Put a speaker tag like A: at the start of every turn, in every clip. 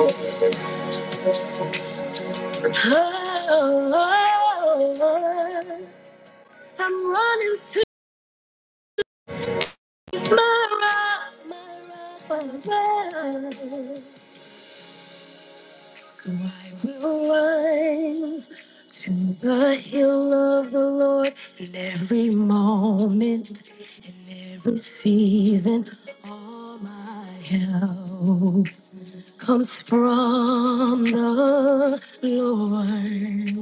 A: Oh, I'm running to my rock, my rock, my rock. I will run the hill of the Lord in every moment, in every season. All my help comes from the Lord.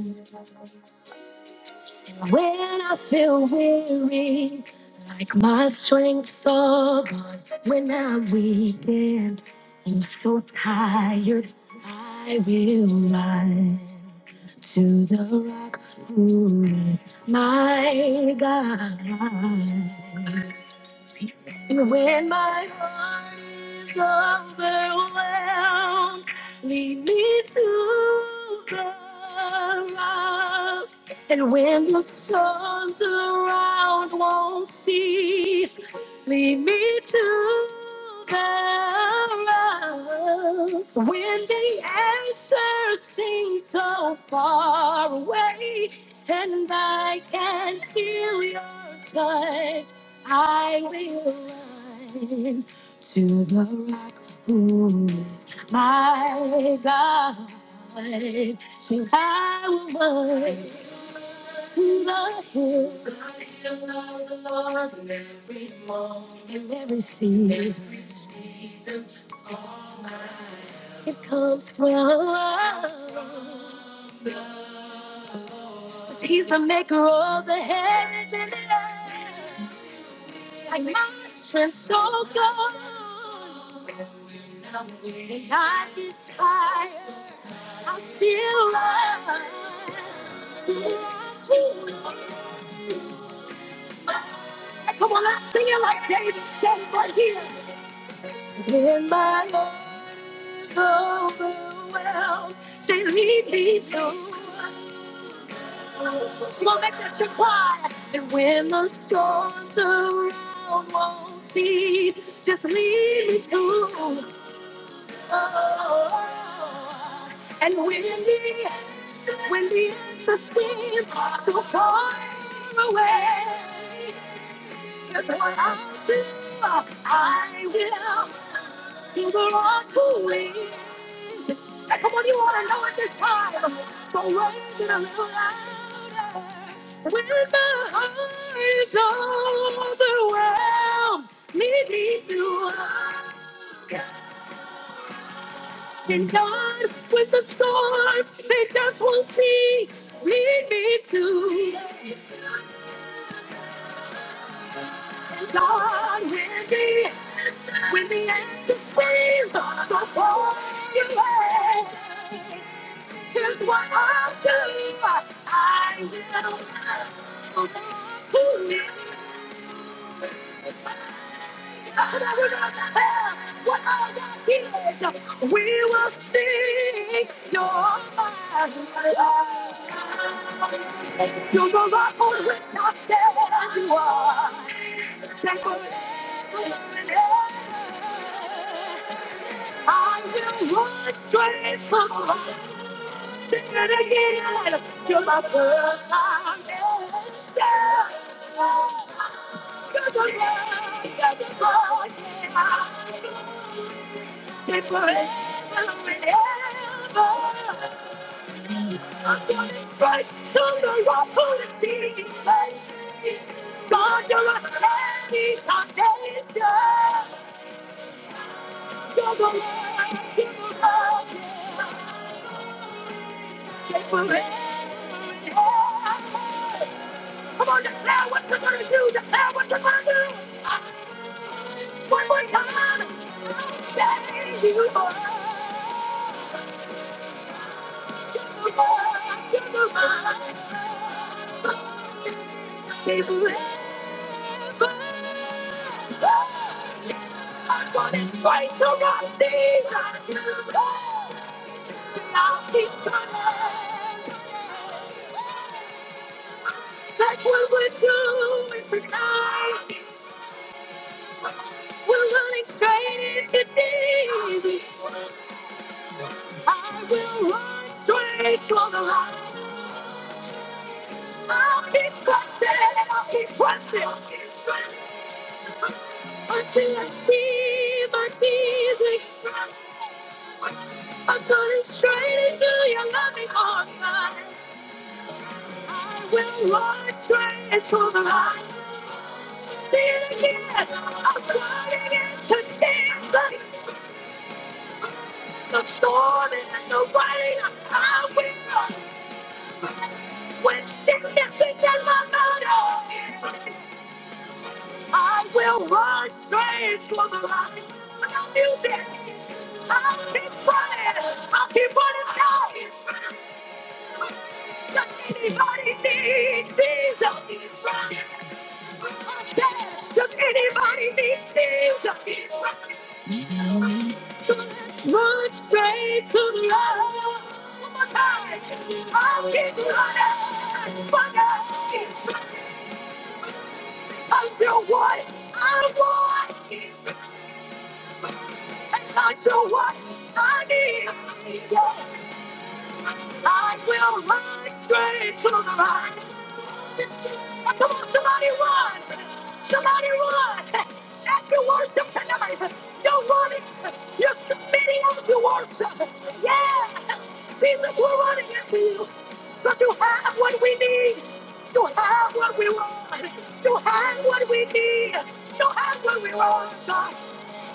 A: When I feel weary, like my strength's all gone. When I'm weakened and so tired, I will run to the rock who is my God. And when my heart is overwhelmed, lead me to the rock. And when the storms around won't cease, lead me to the road when the answers seem so far away and I can not feel your touch. I will run to the rock who is my God. So I will run my head. I love the Lord in every moment, in every season. Every season of my life. It comes from Cause He's the maker of the heavens and the earth. Like my strength so good. And I get tired, I still love. Come on, let's sing it like David said it right here. When my heart is overwhelmed, say, lead me to Come on, make that your cry. And when the storms around won't cease, just lead me to Oh, And when the when the answer seems so far away, Here's what I feel. I will to the Lord who is. Now, come on, you want to know it this time. So raise it a little louder. When my heart is overwhelmed, lead me to God. And God, with the storms, they just won't cease. Lead me to. Lord, when the answer, when the answer screams, so pour your way. Here's what I'll do. I will do to me. Lord, I will not have What I got is, we will sing your praise. You're the rock on which I stand. You are. Temporary. I will run straight from sin again to my perfect destination. To the Lord, that is all I am. to the Lord, yeah. Stay forever and ever. I'm gonna strike from the rock on the sea. God, you're a heavy foundation. To the Lord, to the Lord, yeah. Come on, declare what you're gonna do. Declare what you're gonna do. One more time. Say you are. You are. You are. Say forever. I'm gonna fight the rock. Say that you are. I'll keep coming. That's what we're doing tonight. We're running straight into Jesus. I will run straight to the light. I'll keep pressing, I'll keep pressing, I'll keep pressing until I see my Jesus Christ. I'm going straight into your loving arms. I will run straight into the light. See it again. I'm running into Jesus. The storm and the rain. I will. When sickness is in my body. I will run straight for the light. I'll do this. I'll keep running. I'll keep running now. Does anybody need Jesus? Keep running. I said, Does anybody need Jesus? Keep running. So let's run straight to the light. One more time. I'll keep running. Running. Until what? I want. and I know what I need. I will run straight to the light. Come on, somebody run! Somebody run! That's your worship tonight. You're running. You're submitting as you worship. Yeah! Jesus, we're running into you. Because you have what we need. You have what we want. You have what we need. You have what we want, God.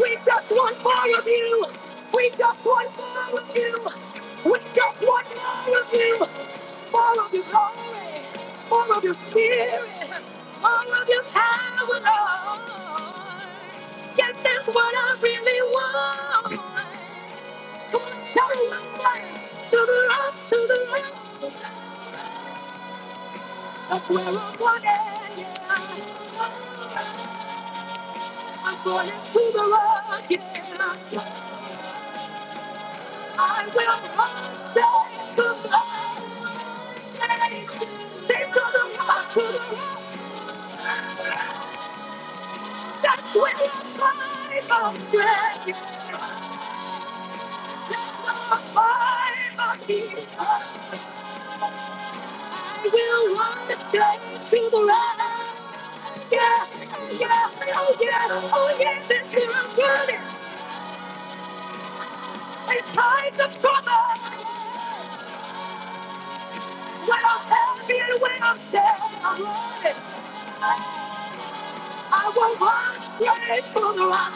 A: We just want more of you. We just want more of you. We just want more of you. More of you, glory. All of your spirit, all of your power, Lord. Yes, that's what I really want. Come on, tell me what. to the rock, to the rock. That's where I'm going, yeah. I'm going to the rock, yeah. I will run, say, to the rock, say, say to the rock, to the rock. That's where I find my strength, yeah. That's where I find my peace. You wanna take people right? Yeah, yeah, oh yeah, oh yeah. This here I'm good It's times to trouble. When I'm happy and when I'm sad, I'm running. I will run straight to the rock.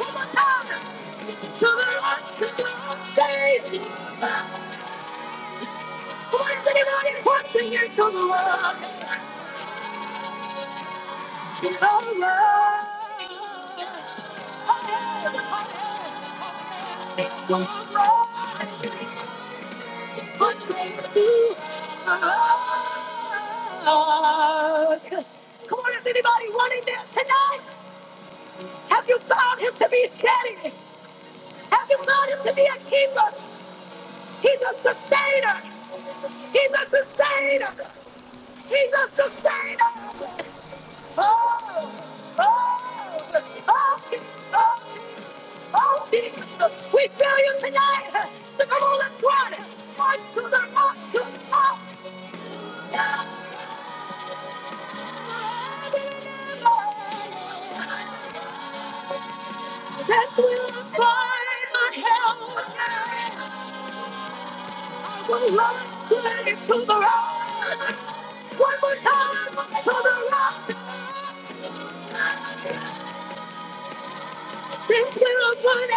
A: One more time. To the rock, to the rock, baby. Come on, is anybody pushing you to the rock? To the rock. Oh yeah, oh yeah. It's the rock. Put me to rock. Come on, is anybody running there tonight? Have you found him to be steady? Have you found him to be a keeper? He's a sustainer. He's a sustainer. He's a sustainer. Oh, oh, oh, Jesus, oh, Jesus, oh, Jesus. We feel you tonight. So come on, let's run. Run to the rock, to the rock. Yeah. That's where I find my help. I will run straight to the rock. One more time to the rock. This will put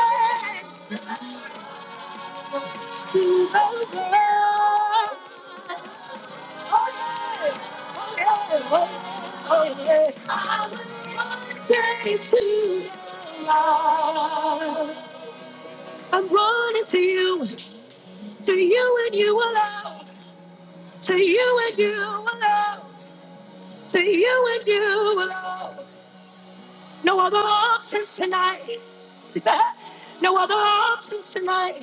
A: am running to the rock. Oh yeah, oh yeah, oh yeah. oh, yeah. I will run straight to the rock. I'm running to you, to you and you alone. To you and you alone. To you and you alone. No other options tonight. no other options tonight.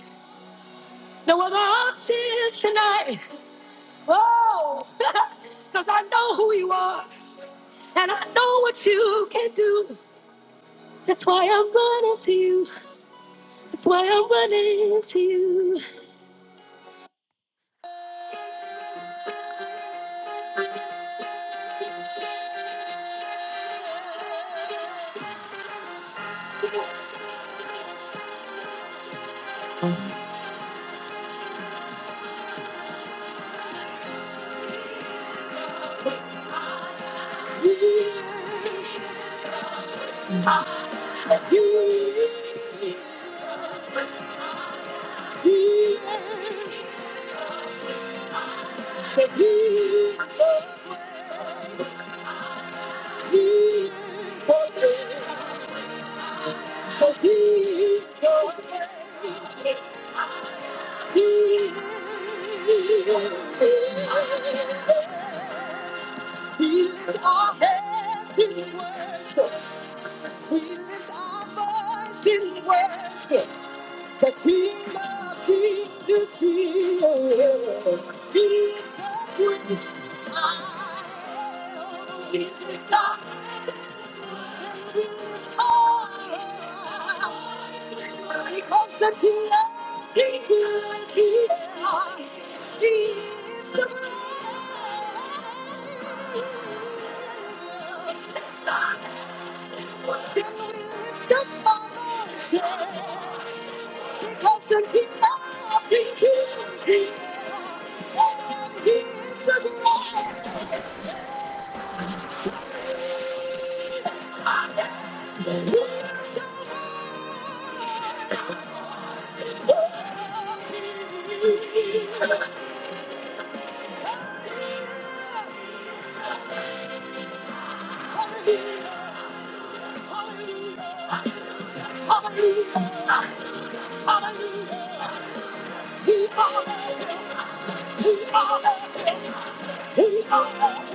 A: No other options tonight. Oh, because I know who you are and I know what you can do. That's why I'm running to you. That's why I'm running to you. You, you, you, you, you, you, you, you. He lifts our heads in worship. He lifts our voice in worship. The King of Kings is here. He is the great I am. He lifts up and he lifts all. Because the King of Kings is here. Hallelujah! Hallelujah! He Because the king of kings is here, and he is the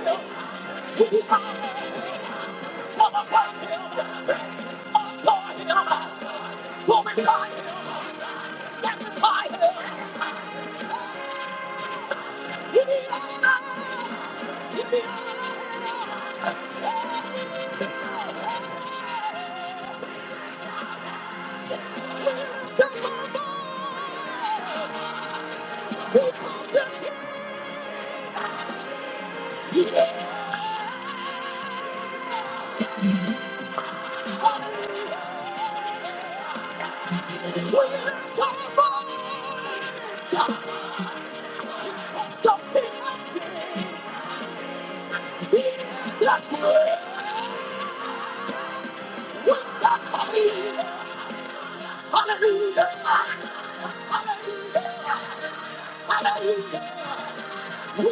A: great. Hallelujah! Hallelujah! Hallelujah! We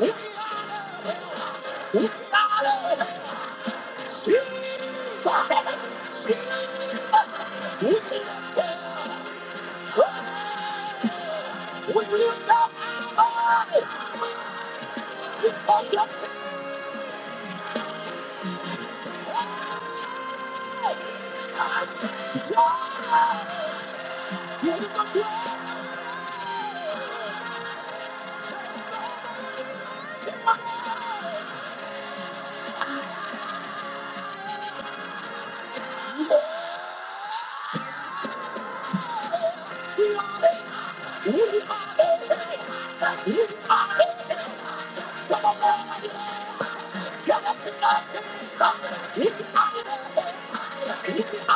A: are the He's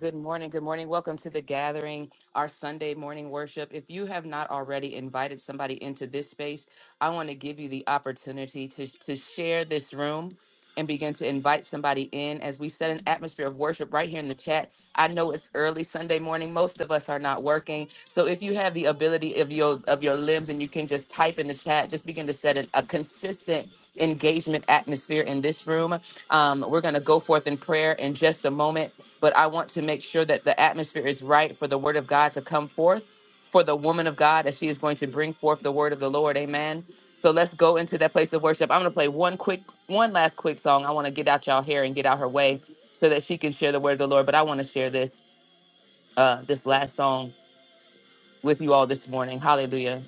A: Good morning. Good morning. Welcome to the gathering, our Sunday morning worship. If you have not already invited somebody into this space, I want to give you the opportunity to, to share this room and begin to invite somebody in as we set an atmosphere of worship right here in the chat. I know it's early Sunday morning. Most of us are not working. So if you have the ability of your of your limbs and you can just type in the chat, just begin to set a consistent engagement atmosphere in this room. Um, we're going to go forth in prayer in just a moment, but I want to make sure that the atmosphere is right for the word of God to come forth for the woman of God as she is going to bring forth the word of the Lord. Amen. So let's go into that place of worship. I'm going to play one quick, one last quick song. I want to get out y'all hair and get out her way so that she can share the word of the Lord. But I want to share this, uh, this last song with you all this morning. Hallelujah.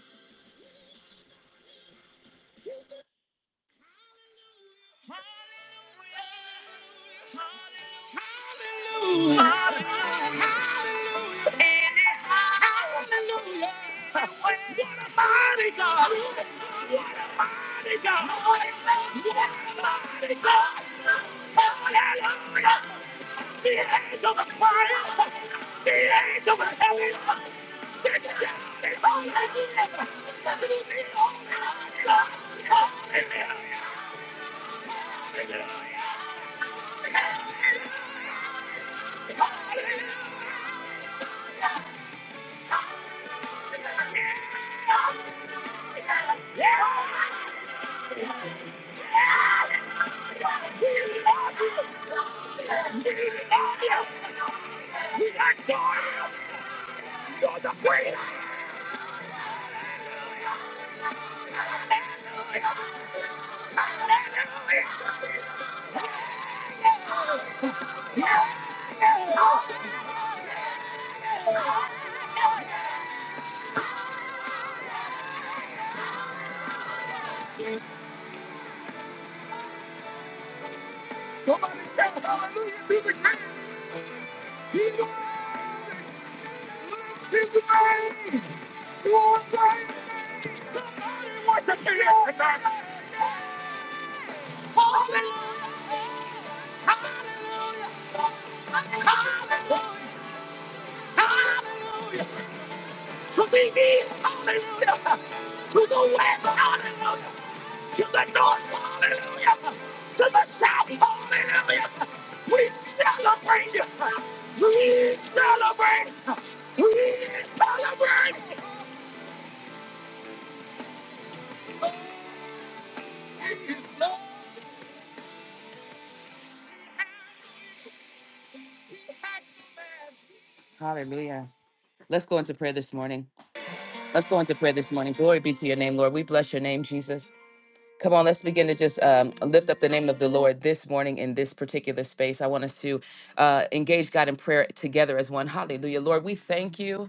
A: Somebody shout hallelujah to the King. He's lives, he lives, he's the name. Lord, I worship you tonight. Hallelujah, hallelujah. To the west, hallelujah. To the north, to the south, hallelujah. We shout, we celebrate. Hallelujah. Let's go into prayer this morning. Let's go into prayer this morning. Glory be to your name, Lord. We bless your name, Jesus. Come on, let's begin to just um, lift up the name of the Lord this morning in this particular space. I want us to uh, engage God in prayer together as one. Hallelujah. Lord, we thank you.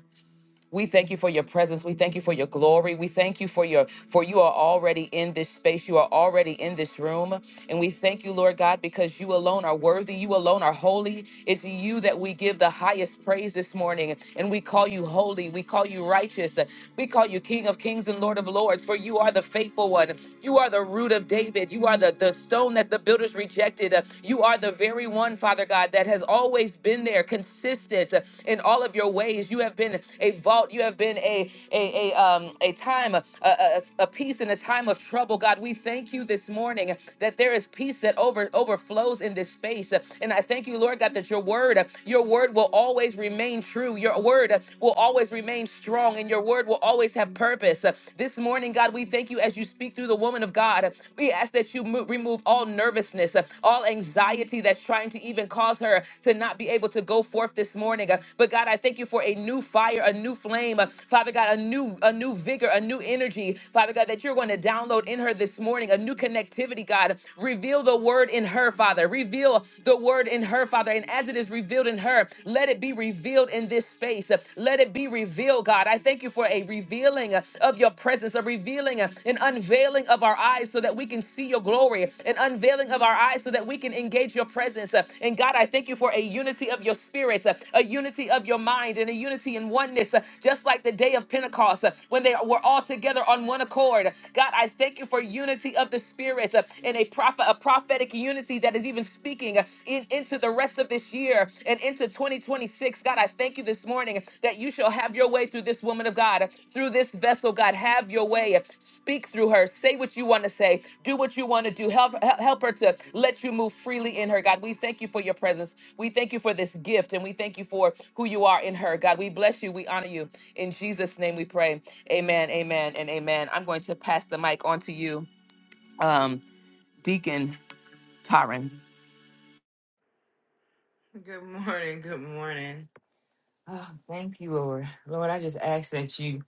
A: We thank you for your presence. We thank you for your glory. We thank you for your for you are already in this space. You are already in this room. And we thank you, Lord God, because you alone are worthy. You alone are holy. It's you that we give the highest praise this morning. And we call you holy. We call you righteous. We call you King of Kings and Lord of Lords, for you are the faithful one. You are the root of David. You are the the, the stone that the builders rejected. Uh, You are the very one, Father God, that has always been there, consistent uh, in all of your ways. You have been a vault. You have been a a a um a time, uh, uh, us a peace in a time of trouble. God, we thank you this morning that there is peace that over overflows in this space. And I thank you, Lord God, that your word, your word will always remain true. Your word will always remain strong and your word will always have purpose. This morning, God, we thank you as you speak through the woman of God. We ask that you mo- remove all nervousness, all anxiety that's trying to even cause her to not be able to go forth this morning. But God, I thank you for a new fire, a new flame. Father God, a new a new vigor, vigor, a new energy, Father God, that you're going to download in her this morning, a new connectivity, God. Reveal the word in her, Father. Reveal the word in her, Father. And as it is revealed in her, let it be revealed in this space. Let it be revealed, God. I thank you for a revealing of your presence, a revealing, an unveiling of our eyes so that we can see your glory, an unveiling of our eyes so that we can engage your presence. And God, I thank you for a unity of your spirit, a unity of your mind, and a unity in oneness, just like the day of Pentecost. Pentecost, uh, when they were all together on one accord. God, I thank you for unity of the Spirit uh, and a prophet, a prophetic unity that is even speaking uh, in, into the rest of this year and into 2026. God, I thank you this morning that you shall have your way through this woman of God, uh, through this vessel. God, have your way. Speak through her. Say what you want to say. Do what you want to do. Help, help help her to let you move freely in her. God, we thank you for your presence. We thank you for this gift and we thank you for who you are in her. God, we bless you. We honor you. In Jesus' name we pray. Amen, amen, and amen. I'm going to pass the mic on to you, um, Deacon Taryn.
B: Good morning. Good morning. Oh, thank you, Lord. Lord, I just ask that you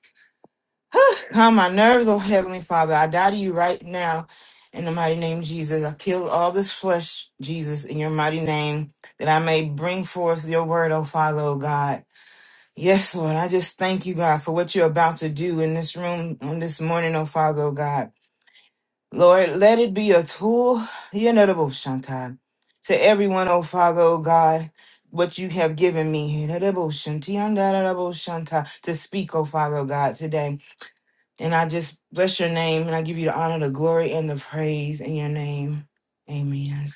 B: calm my nerves, oh Heavenly Father. I die to you right now in the mighty name of Jesus. I kill all this flesh, Jesus, in your mighty name, that I may bring forth your word, oh Father, oh God. Yes, Lord, I just thank you, God, for what you're about to do in this room on this morning, oh Father, oh God. Lord, let it be a tool, Yenadabo Shantan, to everyone, O Father, O God, what you have given me, Yenadabo Shantiandadadabo Shanta, to speak, O Father, O God, today. And I just bless your name and I give you the honor, the glory, and the praise in your name. Amen.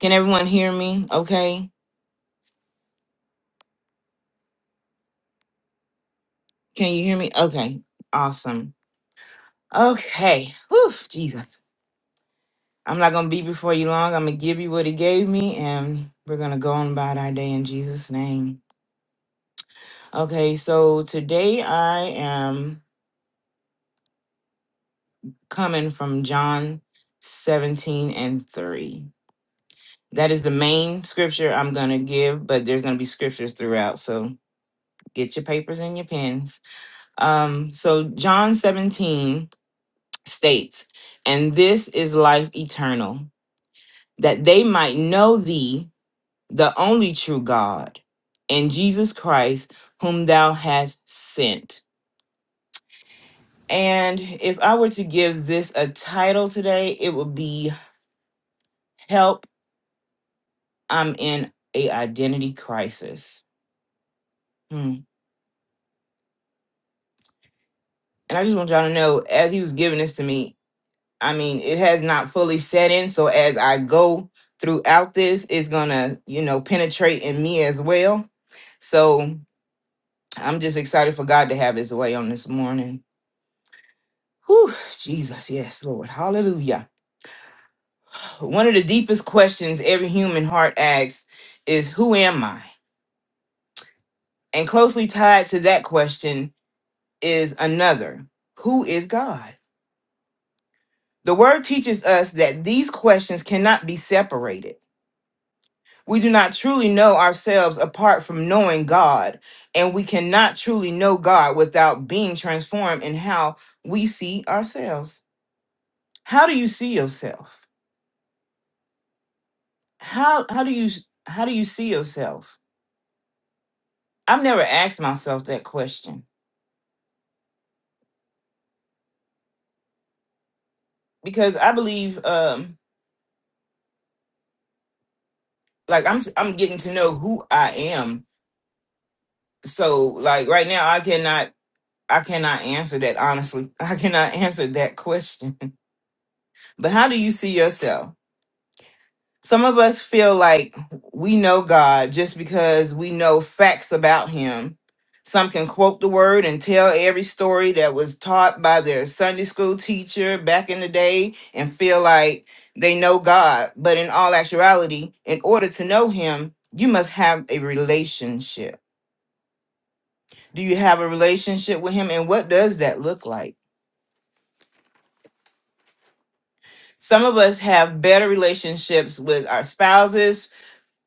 B: Can everyone hear me? Okay. Can you hear me? Okay. Awesome. Okay. Whew, Jesus. I'm not going to be before you long. I'm going to give you what he gave me, and we're going to go on about our day in Jesus' name. Okay, so today I am coming from John 17 and 3. That is the main scripture I'm going to give, but there's going to be scriptures throughout. So get your papers and your pens. Um, so John 17 states, And this is life eternal, that they might know thee, the only true God, and Jesus Christ, whom thou hast sent. And if I were to give this a title today, it would be Help, I'm in a Identity Crisis. Hmm. And I just want y'all to know, as he was giving this to me, I mean, it has not fully set in. So as I go throughout this, it's going to, you know, penetrate in me as well. So I'm just excited for God to have his way on this morning. Whew, Jesus, yes, Lord. Hallelujah. One of the deepest questions every human heart asks is, Who am I? And closely tied to that question is another Who is God? The word teaches us that these questions cannot be separated. We do not truly know ourselves apart from knowing God, and we cannot truly know God without being transformed in how we see ourselves. How do you see yourself? How how do you how do you see yourself? I've never asked myself that question because I believe um like I'm I'm getting to know who I am so like right now i cannot i cannot answer that honestly i cannot answer that question but how do you see yourself some of us feel like we know god just because we know facts about him some can quote the word and tell every story that was taught by their sunday school teacher back in the day and feel like they know god but in all actuality in order to know him you must have a relationship Do you have a relationship with him? And what does that look like? Some of us have better relationships with our spouses,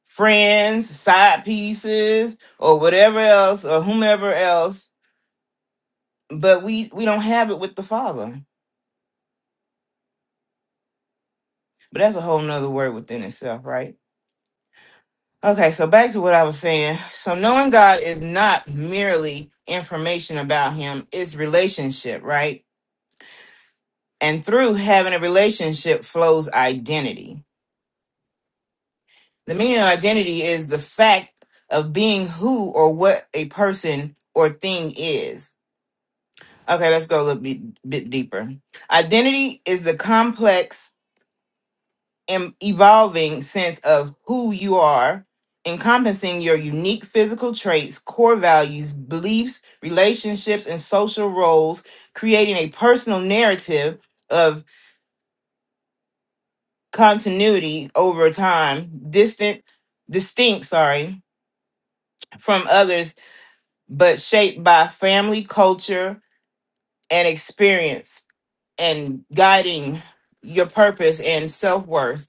B: friends, side pieces, or whatever else, or whomever else, but we, we don't have it with the Father. But that's a whole nother word within itself, right? Okay, so back to what I was saying. So knowing God is not merely information about him, it's relationship, right? And through having a relationship flows identity The meaning of identity is the fact of being who or what a person or thing is. Okay, let's go a little bit, bit deeper. Identity is the complex and evolving sense of who you are, encompassing your unique physical traits, core values, beliefs, relationships, and social roles, creating a personal narrative of continuity over time, distant, distinct, sorry, from others but shaped by family, culture, and experience, and guiding your purpose and self worth.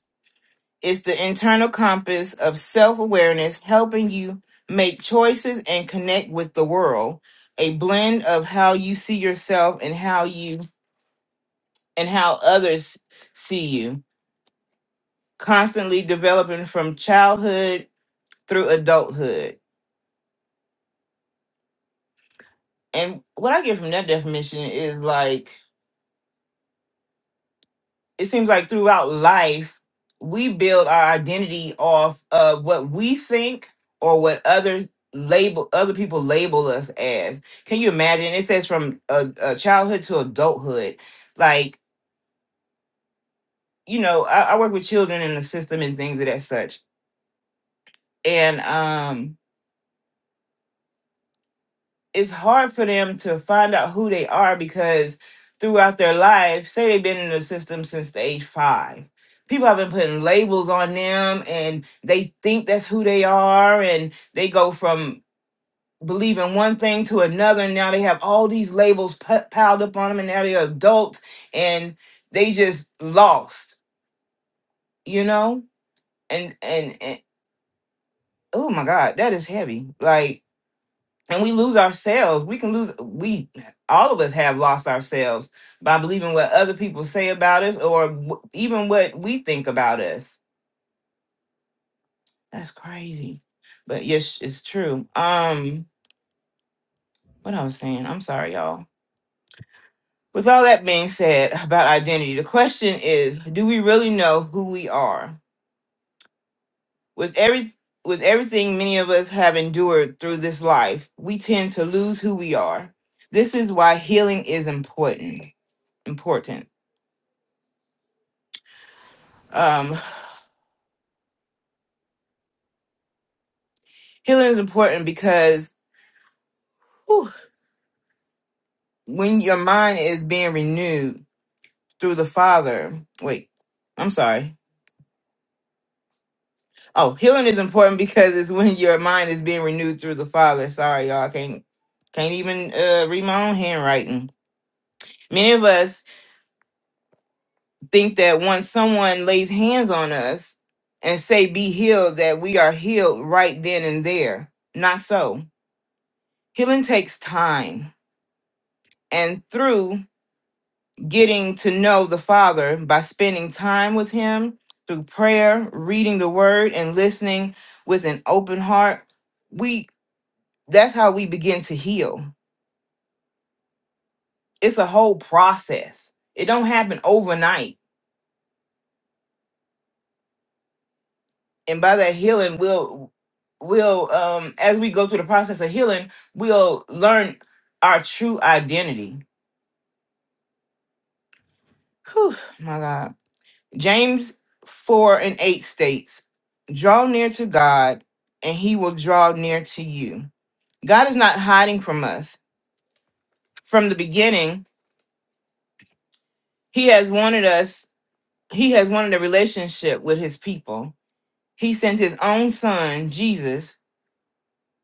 B: It's the internal compass of self awareness helping you make choices and connect with the world. A blend of how you see yourself and how you and how others see you, constantly developing from childhood through adulthood. And what I get from that definition is like it seems like throughout life we build our identity off of what we think or what others label other people label us as can you imagine it says from a, a childhood to adulthood like you know I, I work with children in the system and things of that such and um it's hard for them to find out who they are because throughout their life, say they've been in the system since the age five, people have been putting labels on them and they think that's who they are and they go from believing one thing to another and now they have all these labels p- piled up on them and now they're adults and they just lost you know and and, and oh my god that is heavy like and we lose ourselves. We can lose. We all of us have lost ourselves by believing what other people say about us, or w- even what we think about us. That's crazy, but yes, it's true. Um, what I was saying. I'm sorry, y'all. With all that being said about identity, the question is: Do we really know who we are? With every with everything many of us have endured through this life, we tend to lose who we are. This is why healing is important. Important. Um, healing is important because whew, when your mind is being renewed through the Father, wait, I'm sorry. Oh, healing is important because it's when your mind is being renewed through the Father. Sorry, y'all, I can't can't even uh, read my own handwriting. Many of us think that once someone lays hands on us and say "Be healed," that we are healed right then and there. Not so. Healing takes time, and through getting to know the Father by spending time with Him through prayer, reading the Word, and listening with an open heart. We that's how we begin to heal. It's a whole process. It don't happen overnight. And by that healing, we'll we'll um as we go through the process of healing, we'll learn our true identity. Whew, my God. James 4 and 8 states, Draw near to God, and he will draw near to you. God is not hiding from us. From the beginning, he has wanted us, he has wanted a relationship with his people. He sent his own son, Jesus,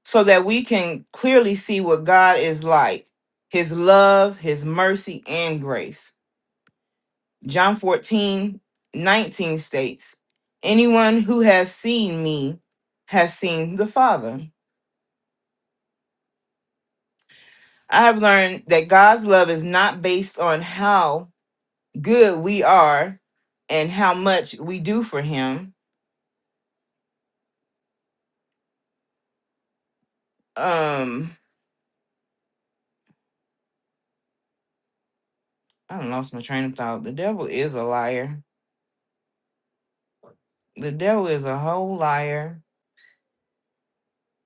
B: so that we can clearly see what God is like his love, his mercy, and grace. John 14 19 states, Anyone who has seen me has seen the Father. I have learned that God's love is not based on how good we are and how much we do for Him. Um, I done lost my train of thought. The devil is a liar. The devil is a whole liar.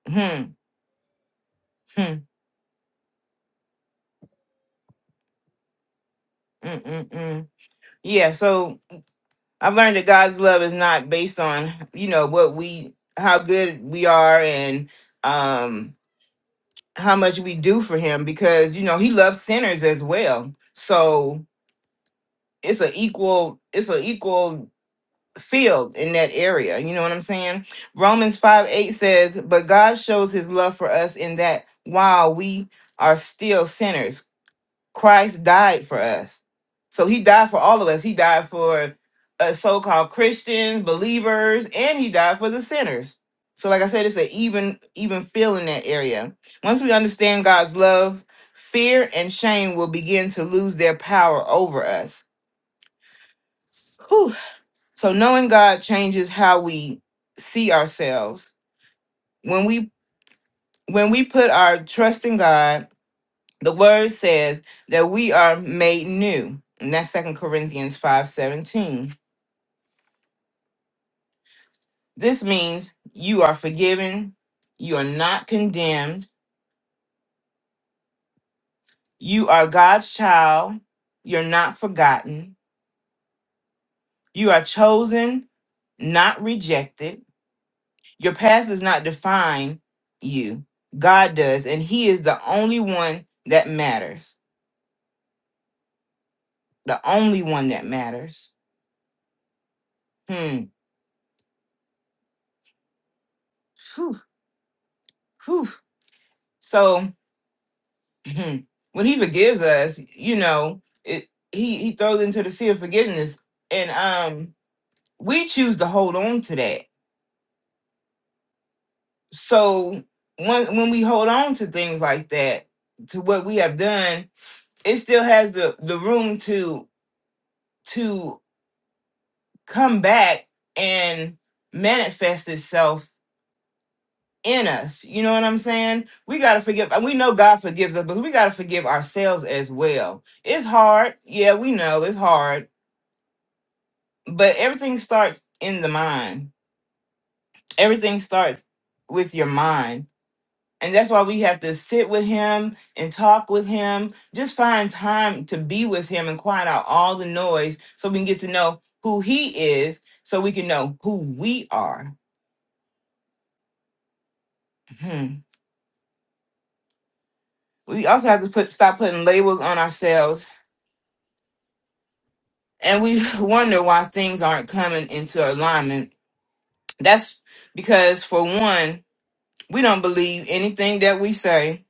B: Hmm. Hmm. Mm-mm-mm. Yeah. So. I've learned that God's love is not based on, you know, what we how good we are and um how much we do for him because you know he loves sinners as well. So it's an equal it's an equal field in that area. You know what I'm saying? Romans 5 8 says, But God shows his love for us in that while we are still sinners, Christ died for us. So he died for all of us. He died for uh, so-called Christians, believers, and he died for the sinners. So like I said, it's an even even feel in that area. Once we understand God's love, fear and shame will begin to lose their power over us. Whew. So knowing God changes how we see ourselves. When we when we put our trust in God, the word says that we are made new and that's Second corinthians 5.17 this means you are forgiven you are not condemned you are god's child you're not forgotten you are chosen not rejected your past does not define you god does and he is the only one that matters the only one that matters hmm Whew, whew. so Mhm. when he forgives us, you know, it he he throws into the sea of forgiveness, and um, we choose to hold on to that. So when when we hold on to things like that, to what we have done, it still has the the room to to come back and manifest itself in us. You know what I'm saying? We got to forgive. We know God forgives us, but we got to forgive ourselves as well. It's hard. Yeah, we know it's hard but everything starts in the mind. Everything starts with your mind. And that's why we have to sit with him and talk with him. Just find time to be with him and quiet out all the noise so we can get to know who he is so we can know who we are. Hmm. We also have to put stop putting labels on ourselves and we wonder why things aren't coming into alignment. That's because for one, we don't believe anything that we say.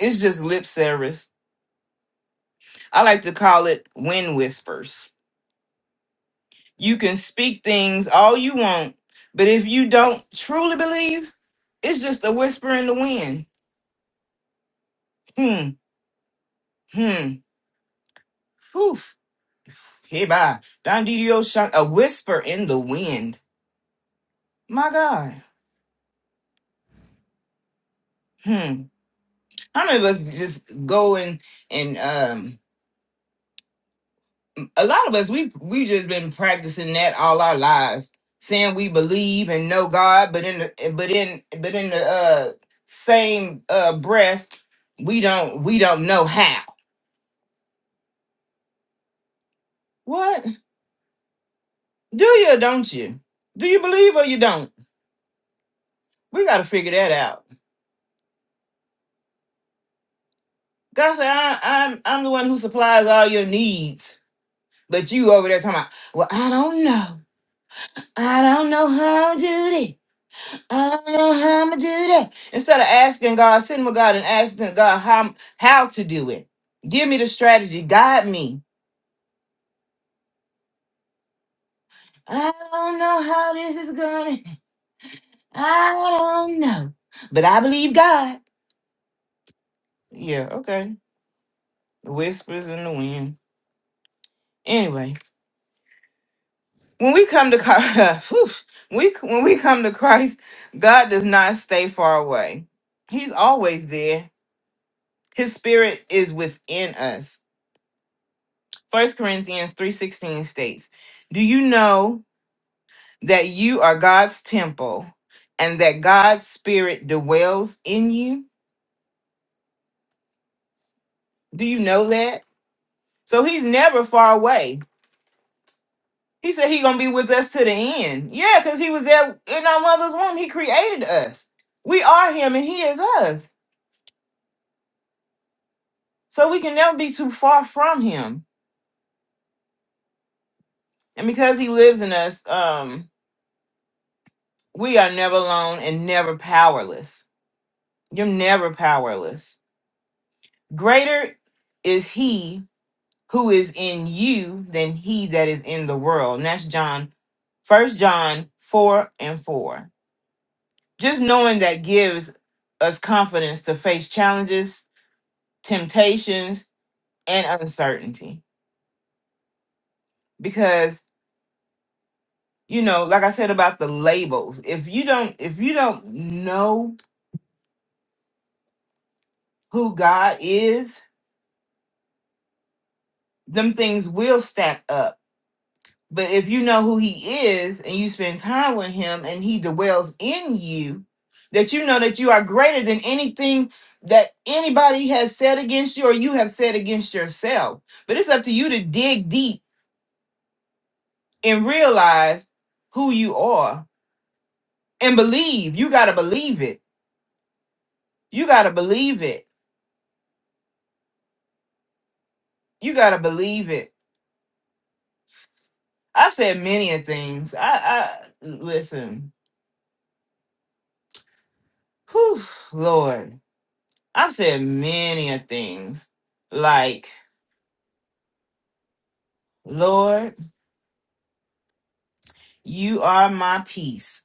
B: It's just lip service I like to call it wind whispers. You can speak things all you want, but if you don't truly believe, it's just a whisper in the wind. Hmm, hmm, Poof. hey bye. Don Didio shot a whisper in the wind. My God. Hmm. How many of us just go and and um a lot of us we we just been practicing that all our lives saying we believe and know god but in the but in but in the uh same uh breath we don't we don't know how what do you or don't you do you believe or you don't we gotta figure that out god said I, i'm i'm the one who supplies all your needs but you over there talking about well i don't know i don't know how to do this I don't know how I'm gonna do that. Instead of asking God, sitting with God and asking God how how to do it. Give me the strategy. Guide me. I don't know how this is gonna. I don't know, but I believe God. Yeah. Okay. Whispers in the wind. Anyway, when we come to Christ, we when we come to Christ, God does not stay far away. He's always there. His spirit is within us. First Corinthians 3:16 states, "Do you know that you are God's temple and that God's spirit dwells in you? Do you know that?" So he's never far away. He said he's going to be with us to the end. Yeah, cuz he was there in our mother's womb. He created us. We are him and he is us. So we can never be too far from him. And because he lives in us, um we are never alone and never powerless. You're never powerless Greater is he who is in you than he that is in the world. And that's John, first John 4 and 4. Just knowing that gives us confidence to face challenges, temptations, and uncertainty. Because, you know, like I said about the labels, if you don't, if you don't know who God is, them things will stack up But if you know who he is and you spend time with him and he dwells in you, that you know that you are greater than anything that anybody has said against you or you have said against yourself. But it's up to you to dig deep and realize who you are and believe. You got to believe it. You got to believe it. You got to believe it. I've said many a things. I, I listen, whew, Lord, I've said many a things like Lord, you are my peace.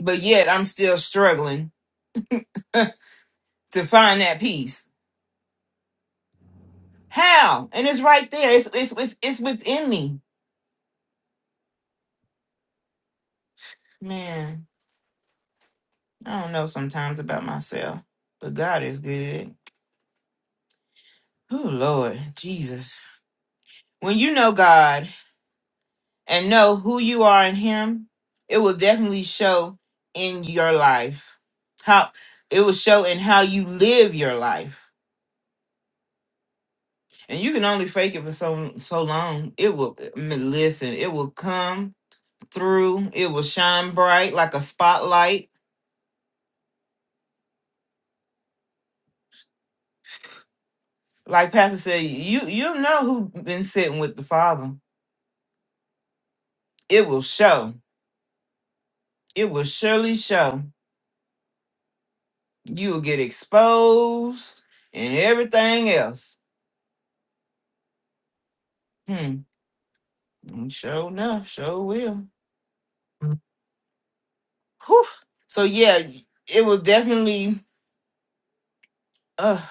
B: But yet I'm still struggling to find that peace. How? And it's right there. It's it's with it's within me. Man, I don't know sometimes about myself, but God is good. Oh Lord, Jesus. When you know God and know who you are in him, it will definitely show in your life. How it will show in how you live your life. and you can only fake it for so so long. It will I mean, listen. It will come through. It will shine bright like a spotlight. Like Pastor said, you you know who been sitting with the Father. It will show. It will surely show. You will get exposed and everything else. Hmm. And Sure enough, sure will. Whew. So yeah, it will definitely. Uh,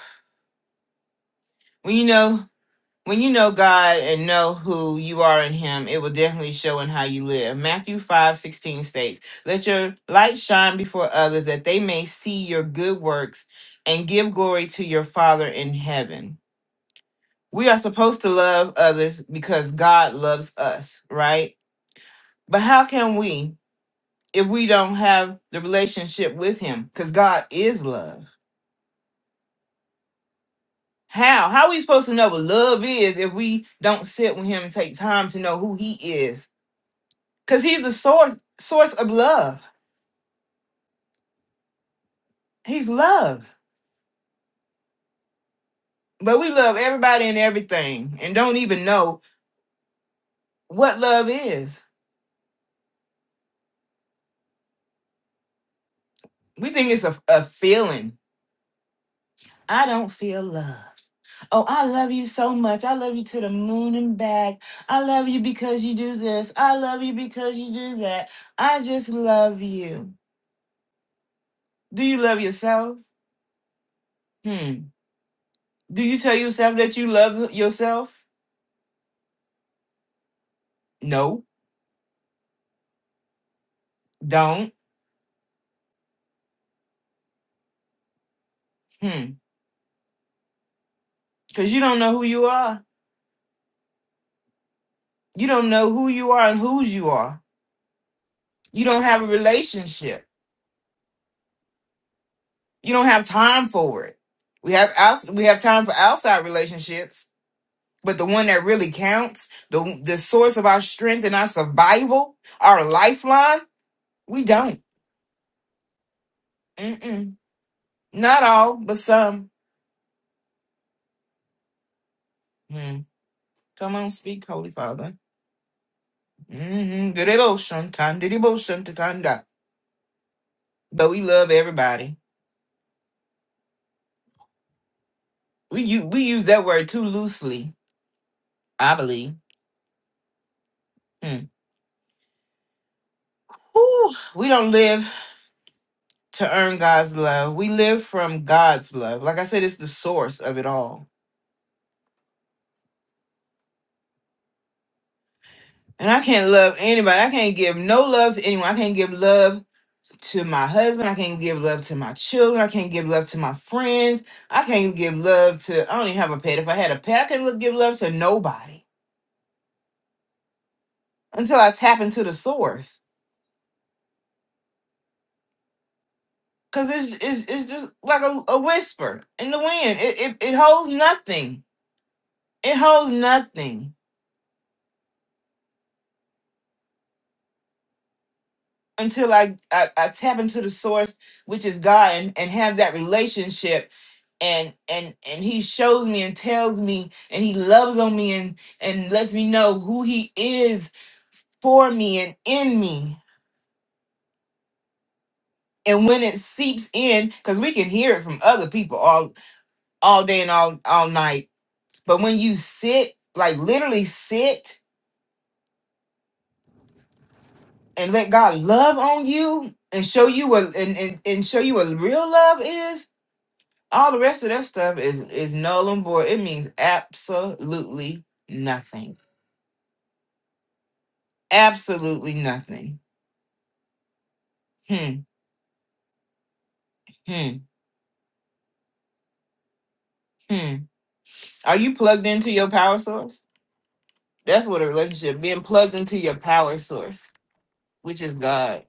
B: well, you know. when you know God and know who you are in Him, it will definitely show in how you live. Matthew five sixteen states, Let your light shine before others that they may see your good works and give glory to your Father in heaven. We are supposed to love others because God loves us, right? But how can we if we don't have the relationship with Him? Because God is love. How? How are we supposed to know what love is if we don't sit with Him and take time to know who He is? Because he's the source source of love. He's love. But we love everybody and everything and don't even know what love is. We think it's a, a feeling. I don't feel loved. Oh, I love you so much. I love you to the moon and back. I love you because you do this. I love you because you do that. I just love you. Do you love yourself? Hmm. Do you tell yourself that you love yourself? No, don't. Hmm. Because you don't know who you are. You don't know who you are and whose you are. You don't have a relationship. You don't have time for it. We have outs- we have time for outside relationships, but the one that really counts, the the source of our strength and our survival, our lifeline, we don't. Mm-mm. Not all, but some. Mm. Come on, speak, Holy Father. Mm-hmm. Devotion, time, devotion to conduct. But we love everybody. We u- we use that word too loosely, I believe. Mm. Whew, we don't live to earn God's love. We live from God's love. Like I said, it's the source of it all. And I can't love anybody. I can't give no love to anyone. I can't give love to my husband. I can't give love to my children. I can't give love to my friends. I can't give love to, I don't even have a pet. If I had a pet, I couldn't look- give love to nobody until I tap into the source. Because it's, it's, it's just like a, a whisper in the wind. It, it, it holds nothing. It holds nothing until I, I, I tap into the source, which is God, and, and have that relationship. And and and He shows me and tells me, and He loves on me and and lets me know who He is for me and in me. And when it seeps in, because we can hear it from other people all all day and all all night. But when you sit, like literally sit and let God love on you and show you what and, and, and show you what real love is, All the rest of that stuff is is null and void. It means absolutely nothing. Absolutely nothing. Hmm. Hmm. Hmm. Are you plugged into your power source? That's what a relationship being plugged into your power source, which is God.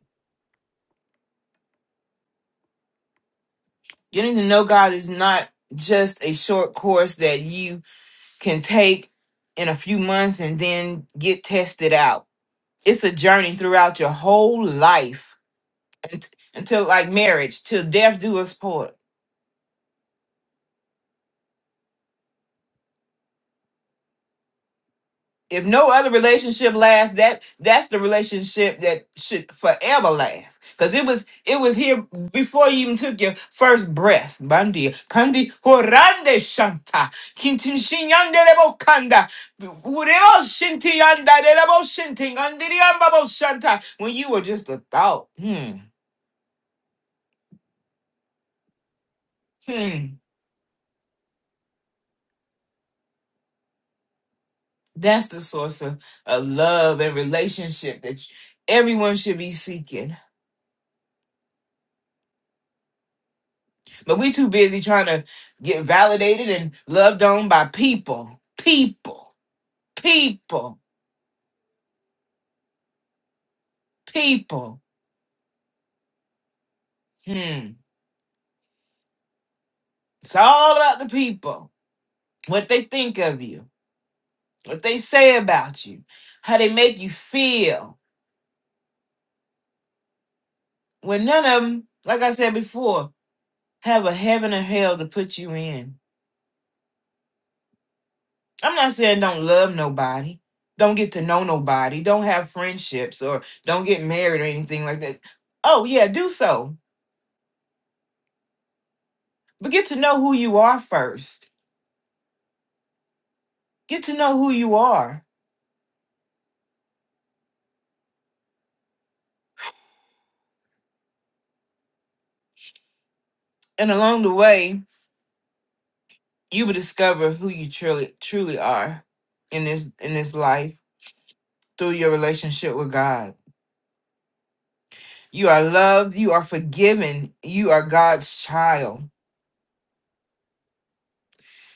B: Getting to know God is not just a short course that you can take in a few months and then get tested out. It's a journey throughout your whole life unt- until like marriage, till death do us part If no other relationship lasts, that that's the relationship that should forever last. Cause it was it was here before you even took your first breath. Bandi kandi horande shanta kintin shinyande lebo kanda ureo shinti yanda de lebo shinti andiri ambabo shanta. When you were just a thought, hmm, hmm. That's the source of, of love and relationship that everyone should be seeking. But we too busy trying to get validated and loved on by people. People. People. People. Hmm. It's all about the people. What they think of you. What they say about you. How they make you feel. When none of them, like I said before, have a heaven or hell to put you in. I'm not saying don't love nobody. Don't get to know nobody. Don't have friendships or don't get married or anything like that. Oh yeah, do so But get to know who you are first. Get to know who you are. And along the way, you will discover who you truly truly are in this in this life through your relationship with God. You are loved, you are forgiven, you are God's child.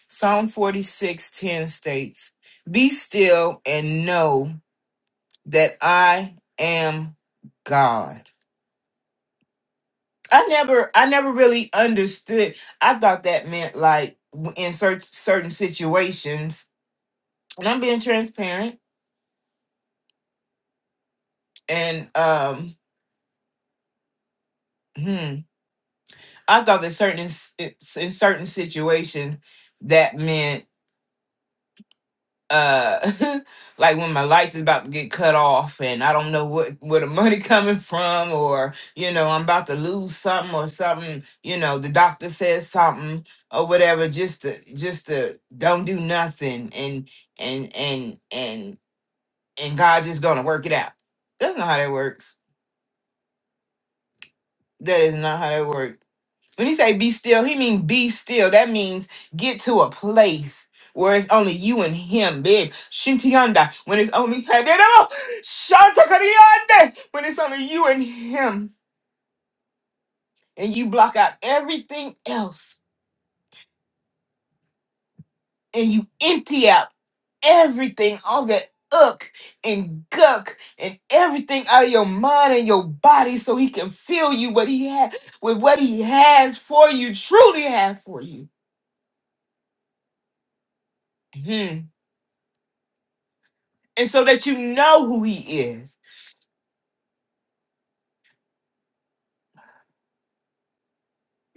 B: Psalm 46:10 states, "Be still and know that I am God." I never I never really understood. I thought that meant like in cer- certain situations and I'm being transparent. And um, hmm, I thought that certain in, in certain situations that meant uh, like when my lights is about to get cut off, and I don't know what where the money coming from, or you know I'm about to lose something or something. You know the doctor says something or whatever. Just to just to don't do nothing, and and and and and God just gonna work it out. That's not how that works. That is not how that works When he say be still, he mean be still. That means get to a place where it's only you and him, babe. Shintianda, when it's only Shantakariande, when it's only you and him, and you block out everything else, and you empty out everything, all that uck and guck and everything out of your mind and your body, so he can fill you what he has with what he has for you, truly has for you. Hmm. and so that you know who he is.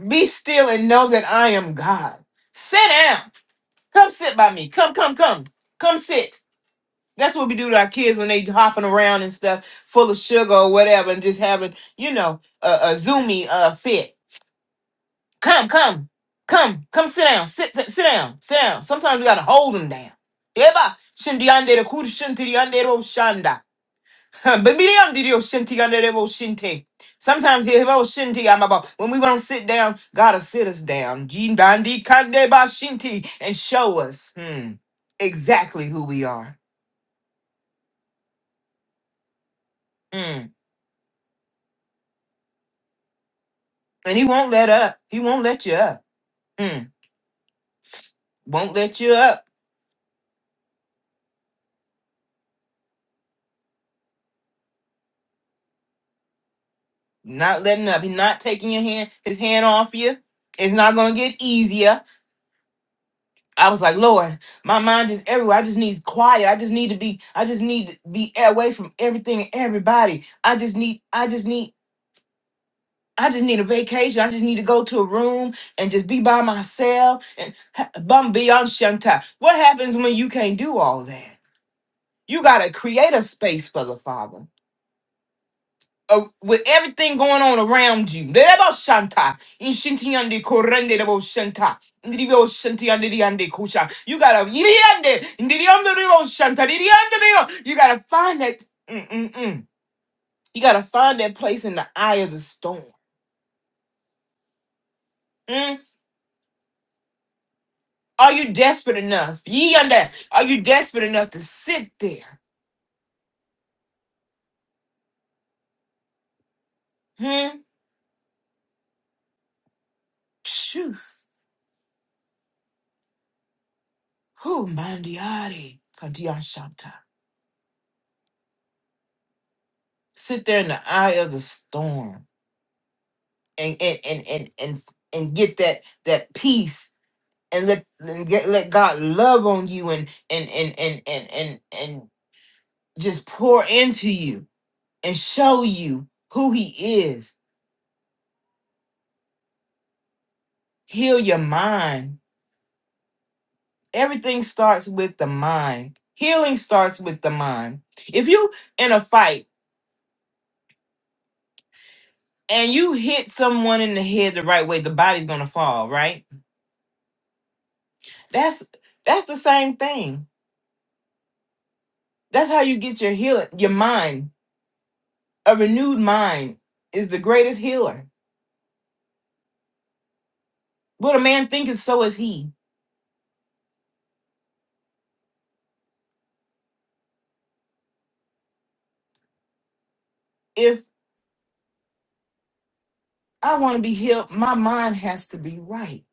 B: Be still and know that I am God. Sit down. Come sit by me. Come, come, come. Come sit. That's what we do to our kids when they hopping around and stuff, full of sugar or whatever, and just having, you know, a, a zoomy uh, fit. Come, come, come, come sit down. Sit, sit, sit down, sit down. Sometimes we got to hold them down. Eba, shindi kudu shinti di Huh, But me, Bemiriam did your shinty unable shinty. Sometimes he about shinty. I'm about when we want to sit down, gotta sit us down. Jean Dandi Kande ba shinty and show us hmm, exactly who we are. Mm. And he won't let up. He won't let you up. Mm. Won't let you up. Not letting up. He's not taking your hand, his hand off you. It's not gonna get easier. I was like, Lord, my mind is everywhere. I just need quiet. I just need to be, I just need to be away from everything and everybody. I just need, I just need, I just need a vacation. I just need to go to a room and just be by myself and ha- bum beyond Shanta. What happens when you can't do all that? You gotta create a space for the Father. uh, with everything going on around you. Derebo Shanta. In Shinti Yande Korende Debo Shanta. Ndiribo Shanti Yande Yande Kusha. You gotta Yiriande. Ndiriyande Debo Shanta. Ndiriyande Debo. You gotta find that mm, mm, mm. you gotta find that place in the eye of the storm. Mm? Are you desperate enough? Ye under are you desperate enough to sit there? Hmm? Phew. Who mandiari Kantiya Shanta. Sit there in the eye of the storm. and and and and and, and get that that peace and let and get, let God love on you and and and and and and and just pour into you and show you who He is. Heal your mind. Everything starts with the mind. Healing starts with the mind. If you in a fight and you hit someone in the head the right way, the body's gonna fall, right? That's that's the same thing. That's how you get your healing, your mind A renewed mind is the greatest healer. What a man thinketh, so is he. If I want to be healed, my mind has to be right.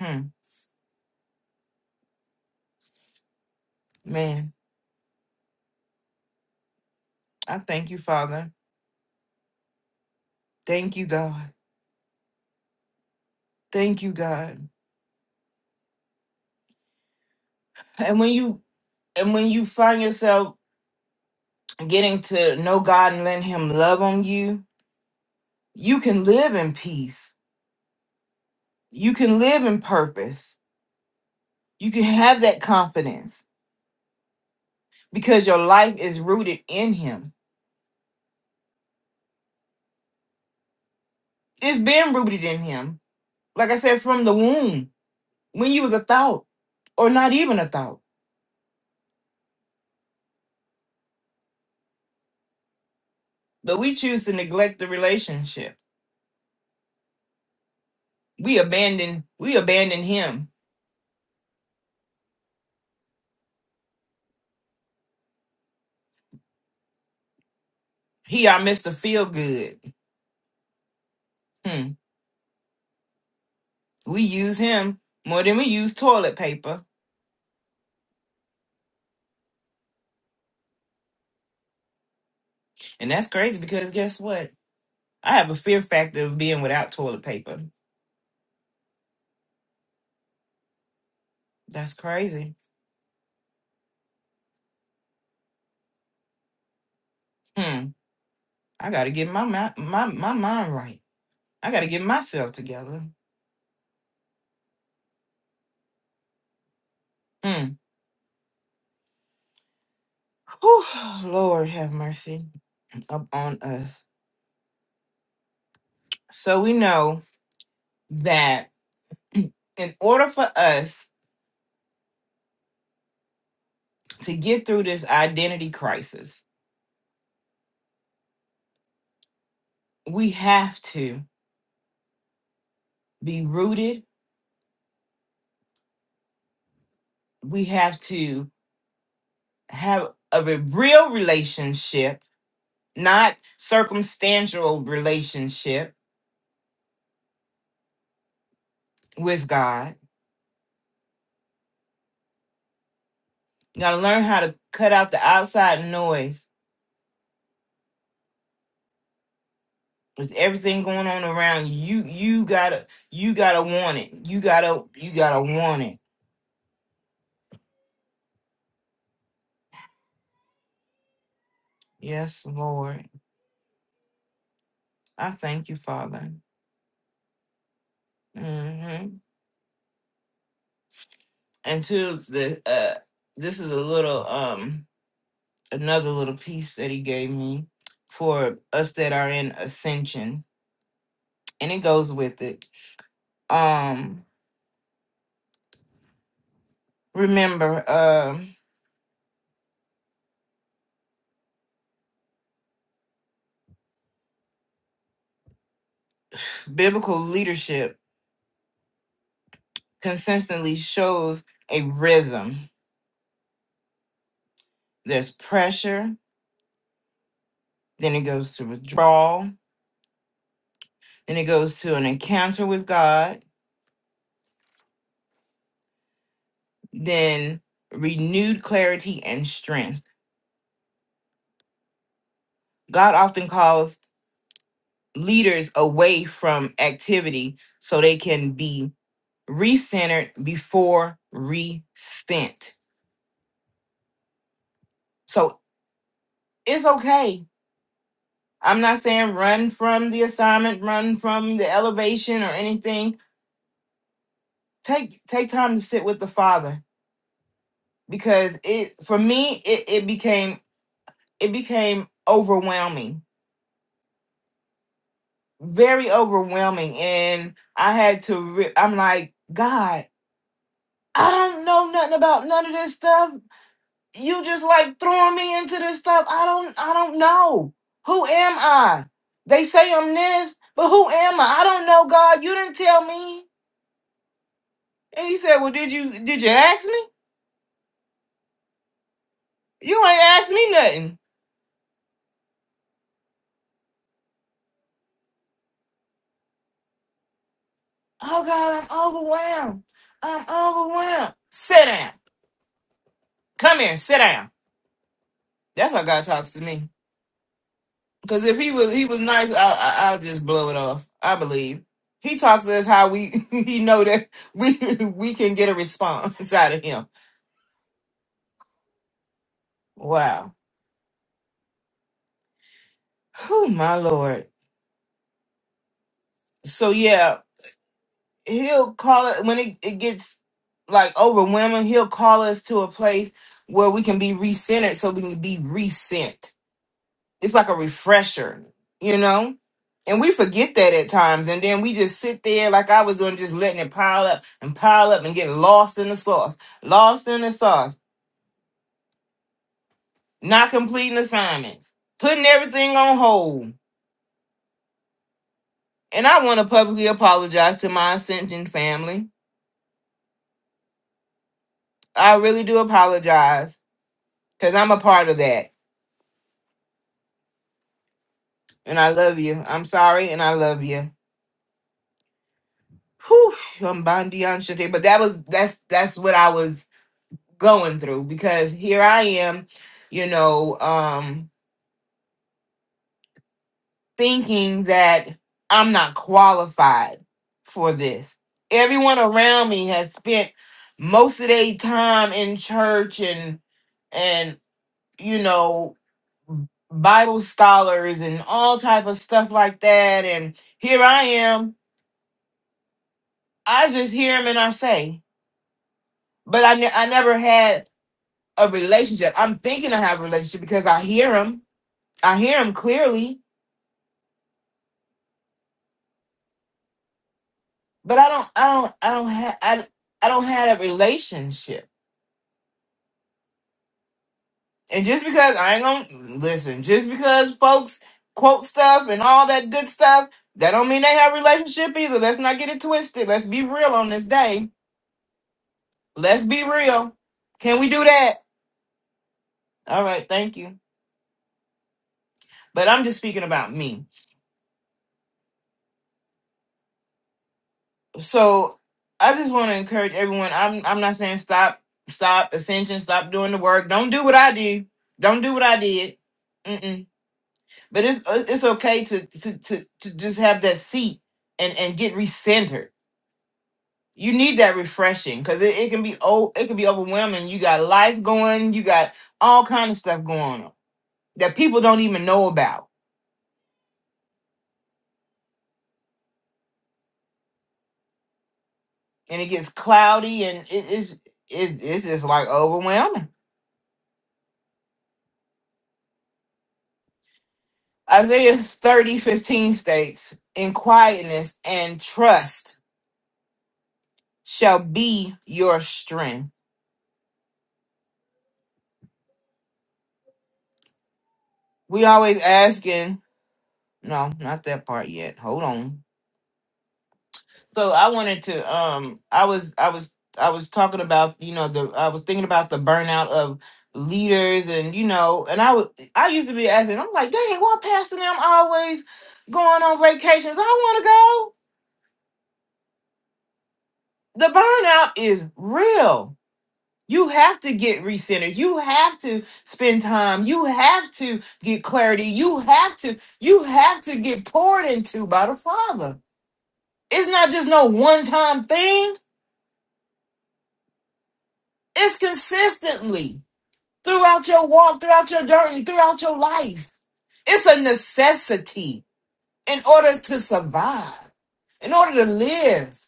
B: Hmm. Man, I thank you, Father. Thank you, God. Thank you, God. And when you and when you find yourself getting to know God and letting Him love on you, you can live in peace. You can live in purpose. You can have that confidence because your life is rooted in Him. It's been rooted in Him like I said, from the womb, when you was a thought, or not even a thought. But we choose to neglect the relationship. We abandon, we abandon him. He our Mr. Feel Good. Hmm. We use him more than we use toilet paper. And that's crazy because guess what? I have a fear factor of being without toilet paper. That's crazy. Hmm. I gotta get my my my, my mind right. I gotta get myself together. Hmm. Whew, Lord have mercy upon us. So we know that in order for us to get through this identity crisis, we have to be rooted. We have to have a re- real relationship, not circumstantial relationship with God. You got to learn how to cut out the outside noise with everything going on around you. You you gotta you gotta want it. You gotta you gotta want it. Yes, Lord, I thank you, Father. Mm-hmm. and two the uh this is a little um another little piece that he gave me for us that are in ascension and it goes with it um remember um biblical leadership consistently shows a rhythm there's pressure then it goes to withdrawal then it goes to an encounter with god then renewed clarity and strength god often calls leaders away from activity so they can be recentered before resent. So it's okay. I'm not saying run from the assignment, run from the elevation or anything. Take take time to sit with the father because it for me it, it became it became overwhelming, very overwhelming, and I had to. Re- I'm like God, I don't know nothing about none of this stuff you just like throwing me into this stuff. I don't I don't know. Who am I? They say I'm this, but who am I? I don't know, God. You didn't tell me. And he said, Well, did you did you ask me? You ain't asked me nothing. Oh God, I'm overwhelmed. I'm overwhelmed. Sit down. Come here, sit down. That's how God talks to me. Cause if he was he was nice, I, I I'll just blow it off. I believe. He talks to us how we he know that we we can get a response out of him. Wow Oh my lord. So yeah, he'll call it when it, it gets like overwhelming, he'll call us to a place where we can be recentered so we can be resent. It's like a refresher, you know? And we forget that at times. And then we just sit there like I was doing, just letting it pile up and pile up and getting lost in the sauce. Lost in the sauce. Not completing assignments. Putting everything on hold. And I want to publicly apologize to my ascension family. I really do apologize because I'm a part of that. And I love you. I'm sorry and I love you. Whew, I'm Bondi on Shante. But that was that's that's what I was going through because here I am, you know, um thinking that I'm not qualified for this. Everyone around me has spent most of their time in church and and you know Bible scholars and all type of stuff like that. And here I am. I just hear him and I say, but I, ne- I never had a relationship. I'm thinking I have a relationship because I hear him. I hear him clearly, but I don't, I don't, I don't have, I, I don't have a relationship. And just because I ain't gonna listen, just because folks quote stuff and all that good stuff, that don't mean they have relationship either. Let's not get it twisted. Let's be real on this day Let's be real. Can we do that? All right, thank you. But I'm just speaking about me. So I just want to encourage everyone. I'm I'm not saying stop, stop ascension, stop doing the work. Don't do what I do. Don't do what I did. Mm-mm. But it's uh, it's okay to to to, to just have that seat and and get recentered. You need that refreshing because it, it can be oh it can be overwhelming. You got life going. You got all kind of stuff going on that people don't even know about and it gets cloudy and it is it, it's just like overwhelming. Isaiah 30 15 states, in quietness and trust shall be your strength. We always asking, no, not that part yet. Hold on. So I wanted to um I was I was I was talking about, you know, the I was thinking about the burnout of leaders and you know, and I was I used to be asking, I'm like, dang, why Pastor them always going on vacations? I wanna go. the burnout is real. You have to get recentered. You have to spend time. You have to get clarity. You have to you have to get poured into by the Father. It's not just no one-time thing. It's consistently throughout your walk, throughout your journey, throughout your life. It's a necessity in order to survive, in order to live.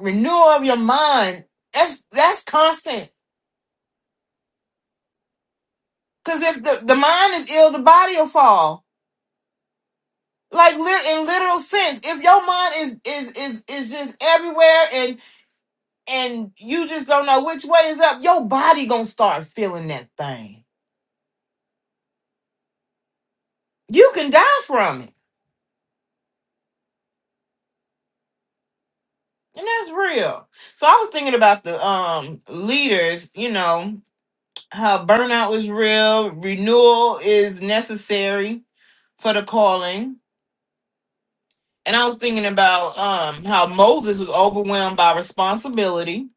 B: Renewal of your mind. That's that's constant. Because if the, the mind is ill, the body will fall. Like lit- in literal sense, if your mind is is is is just everywhere and and you just don't know which way is up, your body gonna start feeling that thing. You can die from it, and that's real. So I was thinking about the um leaders. You know how burnout was real, renewal is necessary for the calling, and I was thinking about um how Moses was overwhelmed by responsibility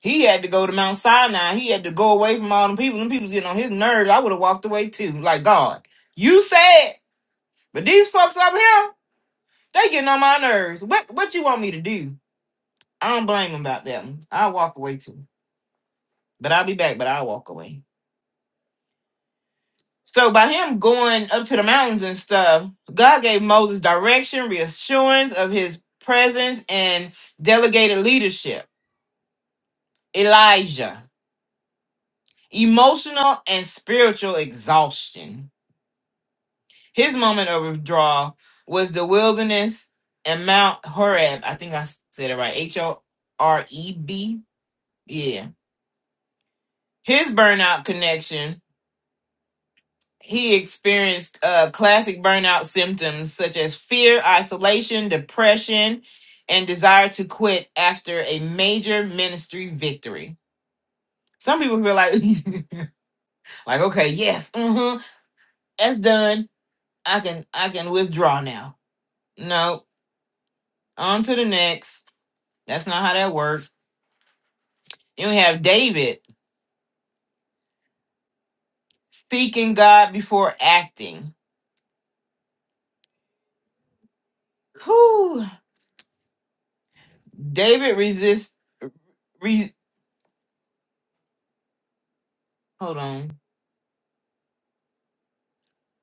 B: He had to go to Mount Sinai. He had to go away from all them people. Them people's getting on his nerves. I would have walked away too. Like God, you said, but these folks up here, they getting on my nerves. What what you want me to do? I don't blame him about that one. I'll walk away too. But I'll be back, but I'll walk away. So by him going up to the mountains and stuff, God gave Moses direction, reassurance of his presence, and delegated leadership. Elijah, emotional and spiritual exhaustion. His moment of withdrawal was the wilderness and Mount Horeb. I think I said it right. H O R E B. Yeah. His burnout connection. He experienced uh, classic burnout symptoms such as fear, isolation, depression, and desire to quit after a major ministry victory. Some people feel like, like, okay, yes, mm-hmm, that's done. I can, I can withdraw now. No, on to the next. That's not how that works. Then we have David seeking God before acting. Whew. David resist re, hold on.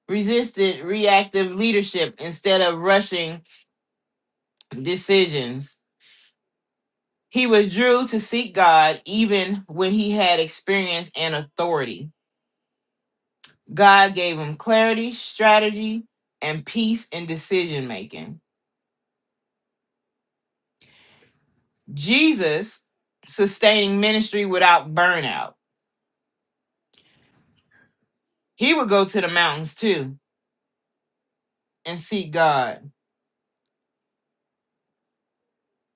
B: Resisted reactive leadership instead of rushing decisions. He withdrew to seek God even when he had experience and authority. God gave him clarity, strategy, and peace in decision making. Jesus sustaining ministry without burnout. He would go to the mountains too and seek God.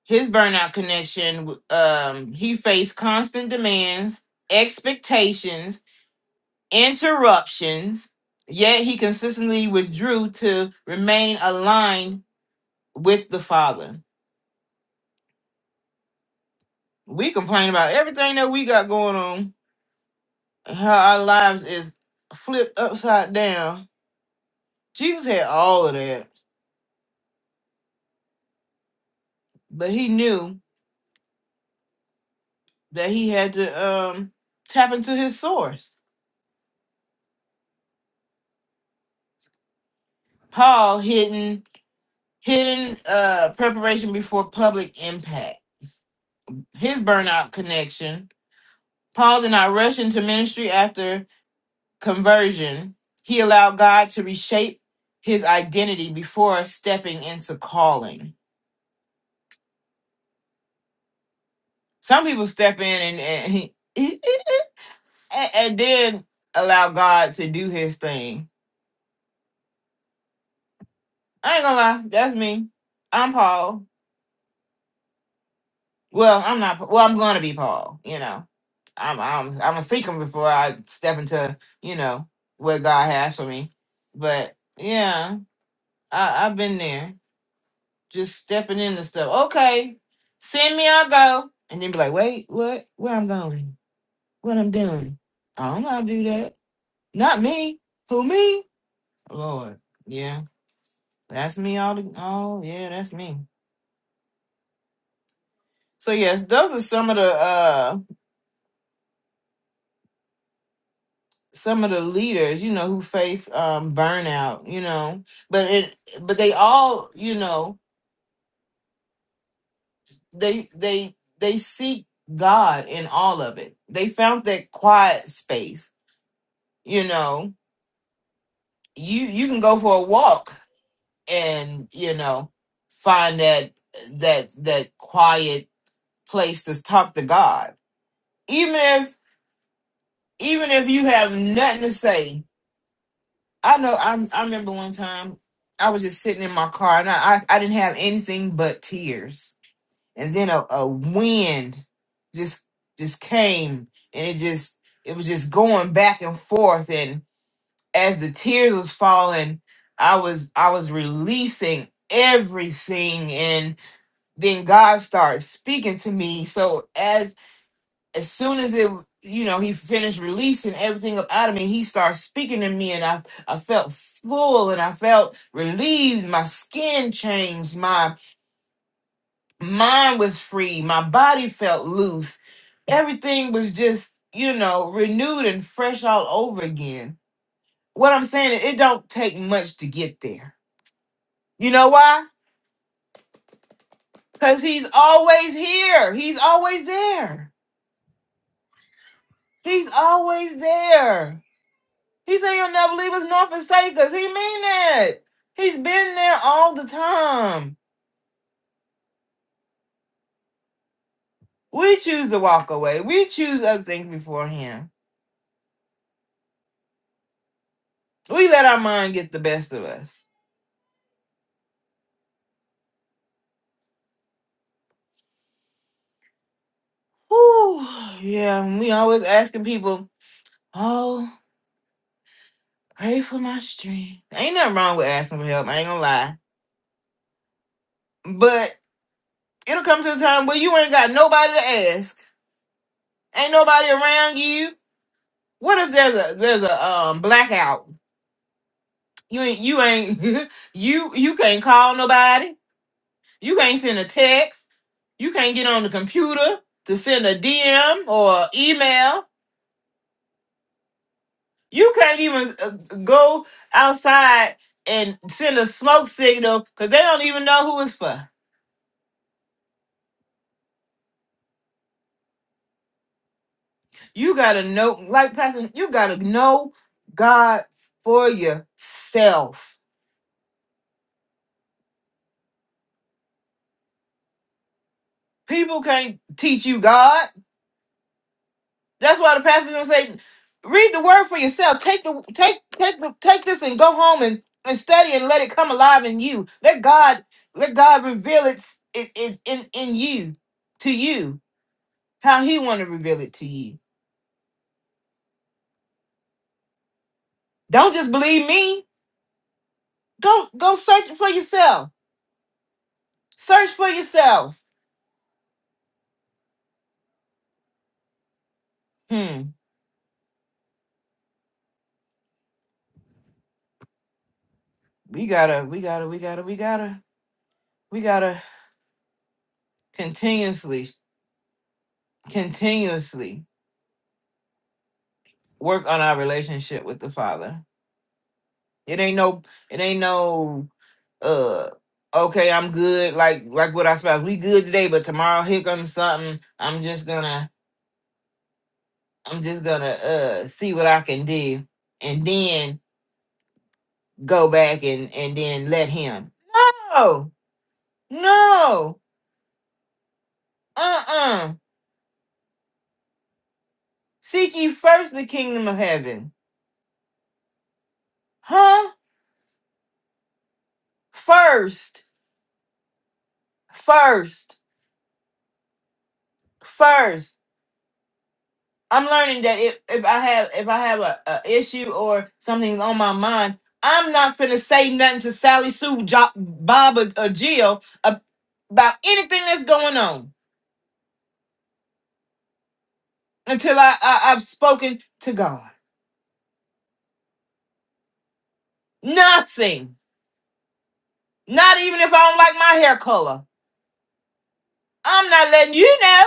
B: His burnout connection, um, he faced constant demands, expectations, interruptions, yet he consistently withdrew to remain aligned with the Father. We complain about everything that we got going on, how our lives is flipped upside down. Jesus had all of that, but he knew that he had to um, tap into his source. Paul hidden hidden uh, preparation before public impact. His burnout connection. Paul did not rush into ministry after conversion. He allowed God to reshape his identity before stepping into calling. Some people step in and and, and and then allow God to do His thing. I ain't gonna lie, that's me. I'm Paul. Well, I'm not. Well, I'm going to be Paul. You know, I'm I'm I'm gonna seek him before I step into you know what God has for me. But yeah, I, I've been there, just stepping into stuff. Okay, send me, I'll go, and then be like, wait, what? Where I'm going? What I'm doing? I don't know how to do that. Not me. Who me? Lord, yeah, that's me. All the, oh yeah, that's me. So yes, those are some of the uh some of the leaders, you know, who face um burnout, you know, but it but they all, you know, they they they seek God in all of it. They found that quiet space, you know. You you can go for a walk and, you know, find that that that quiet place to talk to God. Even if even if you have nothing to say, I know. I I remember one time I was just sitting in my car and I I, I didn't have anything but tears, and then a, a wind just just came and it just it was just going back and forth, and as the tears was falling, I was I was releasing everything and then God started speaking to me. So as soon as it you know he finished releasing everything up out of me he started speaking to me and i i felt full and i felt relieved my skin changed my mind was free my body felt loose everything was just you know renewed and fresh all over again what i'm saying is it don't take much to get there you know why because he's always here he's always there he's always there He said you will never leave us nor forsake us. He mean that. He's been there all the time. We choose to walk away. We choose other things before him. We let our mind get the best of us. Whew. Yeah, and we always asking people, oh, pray for my strength. Ain't nothing wrong with asking for help. I ain't gonna lie. But it'll come to a time where you ain't got nobody to ask. Ain't nobody around you. What if there's a there's a um blackout? You ain't you ain't you you can't call nobody. You can't send a text. You can't get on the computer to send a DM or email. You can't even uh, go outside and send a smoke signal because they don't even know who it's for. You gotta know, like Pastor, you gotta know God for yourself. People can't teach you God. That's why the pastor's gonna say, read the word for yourself. Take the take take the take this and go home and, and study and let it come alive in you. Let God let God reveal it s- it, it in in you to you how He want to reveal it to you. Don't just believe me. Go go search it for yourself. Search for yourself. Hmm. We gotta we gotta we gotta we gotta we gotta continuously continuously work on our relationship with the Father. It ain't no it ain't no uh okay i'm good like like what i suppose we good today but tomorrow here comes something i'm just gonna i'm just gonna uh see what i can do and then go back and and then let him no no uh-uh seek ye first the kingdom of heaven huh first first first I'm learning that if, if I have if I have a, a issue or something's on my mind, I'm not finna say nothing to Sally Sue, jo- Bob, or, or Jill ab- about anything that's going on until I, I I've spoken to God. Nothing. Not even if I don't like my hair color. I'm not letting you know.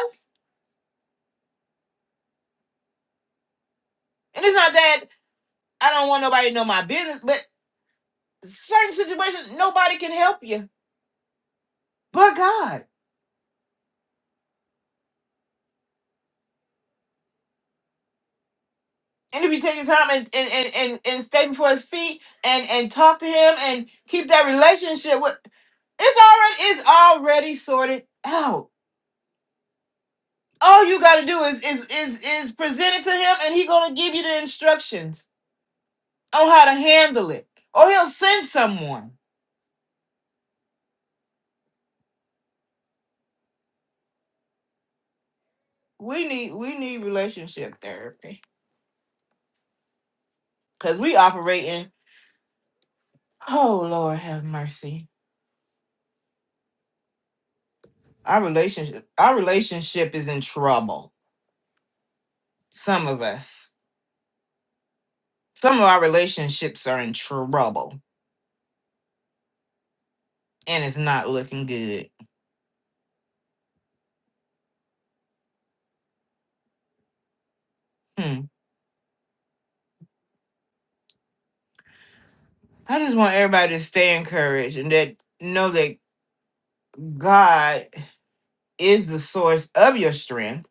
B: And it's not that I don't want nobody to know my business, but certain situations nobody can help you but God. and if you take the time and and, and, and and stay before his feet and and talk to him and keep that relationship with it's already it's already sorted out. All you gotta do is is is is present it to him and he gonna give you the instructions on how to handle it. Or he'll send someone. We need we need relationship therapy. Cause we operate in oh Lord have mercy. Our relationship our relationship is in trouble. Some of us. Some of our relationships are in trouble and it's not looking good. Hmm. I just want everybody to stay encouraged and that know that God is the source of your strength.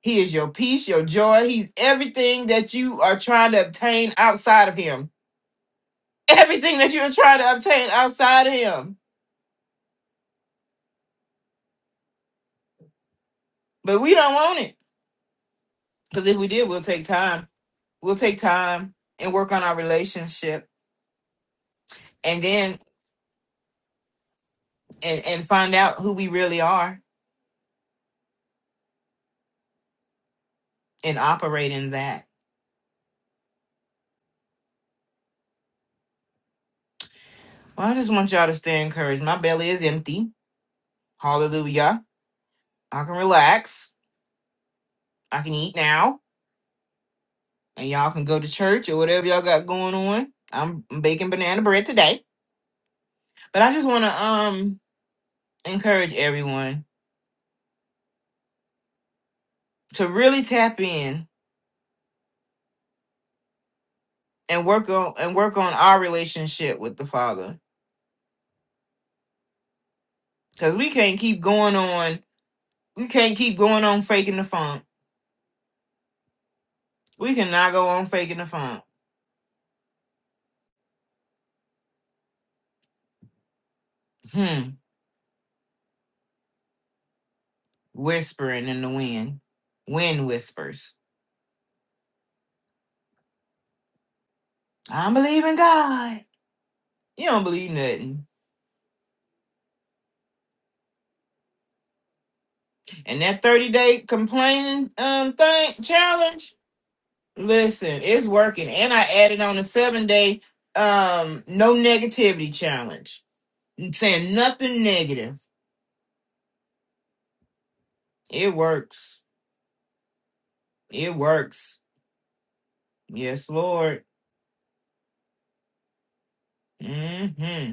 B: He is your peace, your joy. He's everything that you are trying to obtain outside of him. Everything that you are trying to obtain outside of him. But we don't want it. Because if we did, we'll take time. We'll take time and work on our relationship and then and, and find out who we really are and operate in that. Well, I just want y'all to stay encouraged. My belly is empty. Hallelujah. I can relax. I can eat now. And y'all can go to church or whatever y'all got going on. I'm baking banana bread today. But I just want to um encourage everyone to really tap in and work on and work on our relationship with the Father. Cause we can't keep going on. We can't keep going on faking the funk. We cannot go on faking the funk. Hmm. Whispering in the wind. Wind whispers I believe in God. You don't believe nothing. And that 30 day complaining um thing challenge, listen, it's working. And I added on a seven day um no negativity challenge. Saying nothing negative. It works. It works. Yes, Lord. Mm-hmm.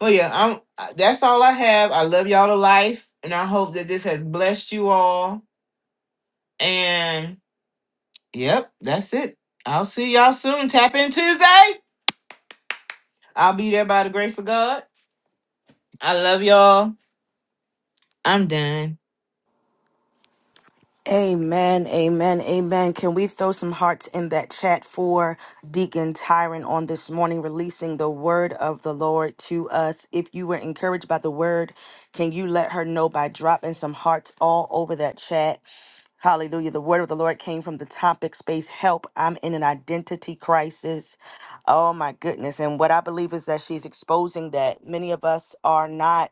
B: Well, yeah, I'm I- that's all I have. I love y'all to life, and I hope that this has blessed you all. And yep, that's it. I'll see y'all soon. Tap in Tuesday. I'll be there by the grace of God. I love y'all. I'm done.
C: Amen, amen, amen. Can we throw some hearts in that chat for Deacon Tyron on this morning, releasing the word of the Lord to us? If you were encouraged by the word, can you let her know by dropping some hearts all over that chat? Hallelujah. The word of the Lord came from the topic space help. I'm in an identity crisis. Oh, my goodness. And what I believe is that she's exposing that many of us are not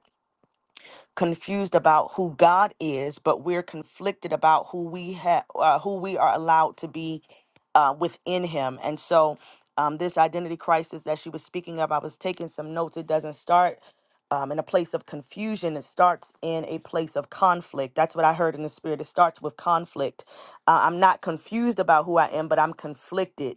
C: confused about who God is, but we're conflicted about who we have, uh, who we are allowed to be uh, within Him. And so, um, this identity crisis that she was speaking of, I was taking some notes. It doesn't start um, in a place of confusion. It starts in a place of conflict. That's what I heard in the spirit. It starts with conflict. Uh, I'm not confused about who I am, but I'm conflicted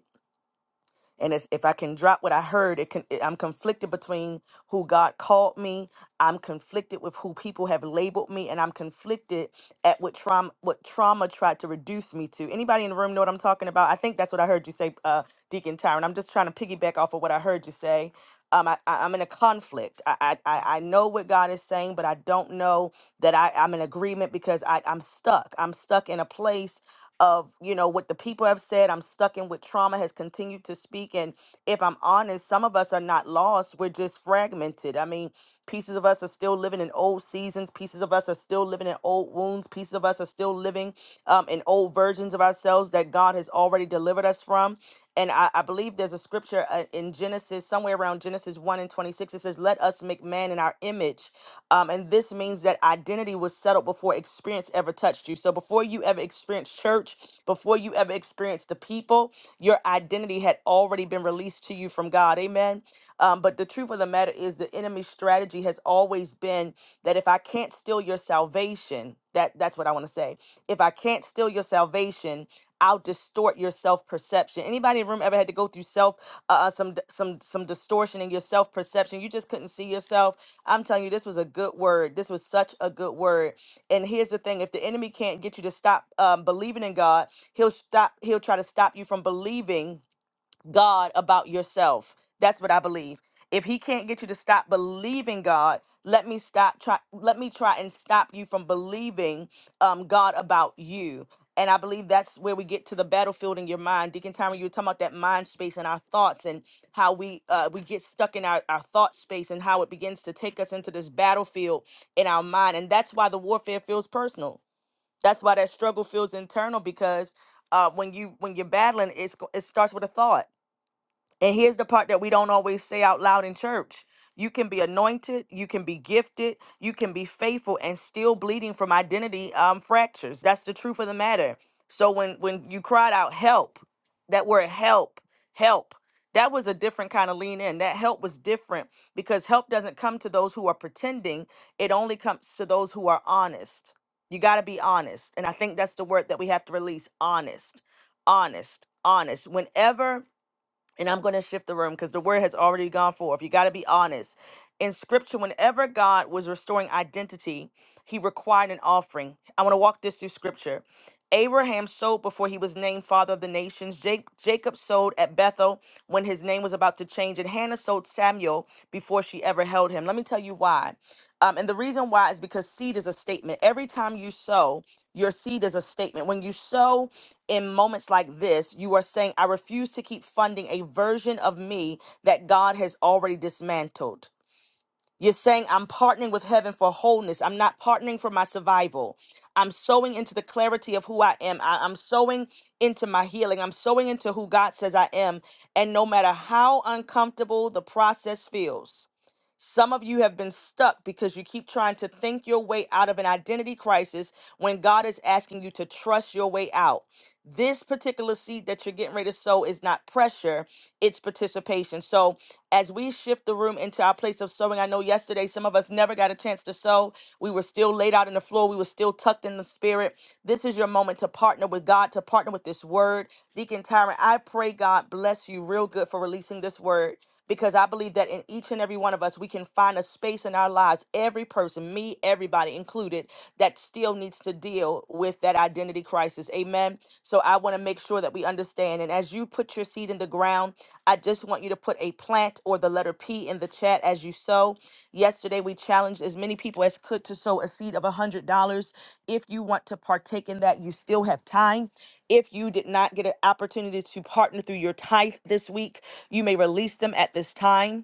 C: and it's, if I can drop what I heard, it can. I'm conflicted between who God called me. I'm conflicted with who people have labeled me, and I'm conflicted at what trauma what trauma tried to reduce me to. Anybody in the room know what I'm talking about? I think that's what I heard you say, uh, Deacon Tyron. I'm just trying to piggyback off of what I heard you say. Um, I, I, I'm in a conflict. I, I I I know what God is saying, but I don't know that I, I'm in agreement because I, I'm stuck. I'm stuck in a place of you know what the people have said i'm stuck in what trauma has continued to speak and if i'm honest some of us are not lost we're just fragmented i mean pieces of us are still living in old seasons pieces of us are still living in old wounds pieces of us are still living um, in old versions of ourselves that god has already delivered us from and i, I believe there's a scripture uh, in genesis somewhere around around Genesis 1 and 26. It says, Let us make man in our image. Um, and this means that identity was settled before experience ever touched you. So before you ever experienced church, before you ever experienced the people, your identity had already been released to you from God. Amen. Um, but the truth of the matter is, the enemy's strategy has always been that if I can't steal your salvation, salvation. That that's what I want to say. If I can't steal your salvation, I'll distort your self perception. Anybody in the room ever had to go through self uh, uh, some some some distortion in your self perception? You just couldn't see yourself. I'm telling you, this was a good word. This was such a good word. And here's the thing: if the enemy can't get you to stop um, believing in God, he'll stop. He'll try to stop you from believing God about yourself. That's what I believe. If he can't get you to stop believing God, let me stop try let me try and stop you from believing um God about you. And I believe that's where we get to the battlefield in your mind. Deacon Tyron, you were talking about that mind space and our thoughts and how we uh, we get stuck in our, our thought space and how it begins to take us into this battlefield in our mind. And that's why the warfare feels personal. That's why that struggle feels internal because uh, when you when you're battling, it's go- it starts with a thought and here's the part that we don't always say out loud in church. You can be anointed, you can be gifted, you can be faithful and still bleeding from identity um, fractures. That's the truth of the matter. So when when you cried out help, that word help, help, that was a different kind of lean in. That help was different because help doesn't come to those who are pretending. It only comes to those who are honest. You got to be honest. And I think that's the word that we have to release, honest. Honest. Honest. Whenever and I'm going to shift the room because the word has already gone forth. You got to be honest. In scripture, whenever God was restoring identity, he required an offering. I want to walk this through scripture. Abraham sowed before he was named father of the nations. Ja- Jacob sowed at Bethel when his name was about to change. And Hannah sowed Samuel before she ever held him. Let me tell you why. Um, and the reason why is because seed is a statement. Every time you sow, your seed is a statement. When you sow in moments like this, you are saying, I refuse to keep funding a version of me that God has already dismantled. You're saying I'm partnering with heaven for wholeness. I'm not partnering for my survival. I'm sowing into the clarity of who I am. I, am sowing into my healing. I'm sowing into who God says I am. And no matter how uncomfortable the process feels, some of you have been stuck because you keep trying to think your way out of an identity crisis when God is asking you to trust your way out. This particular seed that you're getting ready to sow is not pressure, it's participation. So, as we shift the room into our place of sowing, I know yesterday some of us never got a chance to sow. We were still laid out on the floor, we were still tucked in the spirit. This is your moment to partner with God, to partner with this word. Deacon Tyron, I pray God bless you real good for releasing this word because I believe that in each and and every one of us, we can find a space in our lives, every person, me, everybody included, that still needs to deal with that identity crisis. Amen. So I want to make sure that we understand. And as you put your seed in the ground, I just want you to put a plant or the letter P in the chat as you sow. Yesterday, we challenged as many people as could to sow a seed of $100. If you want to partake in that, you still have time. If you did not get an opportunity to partner through your tithe this week, you may release them at this time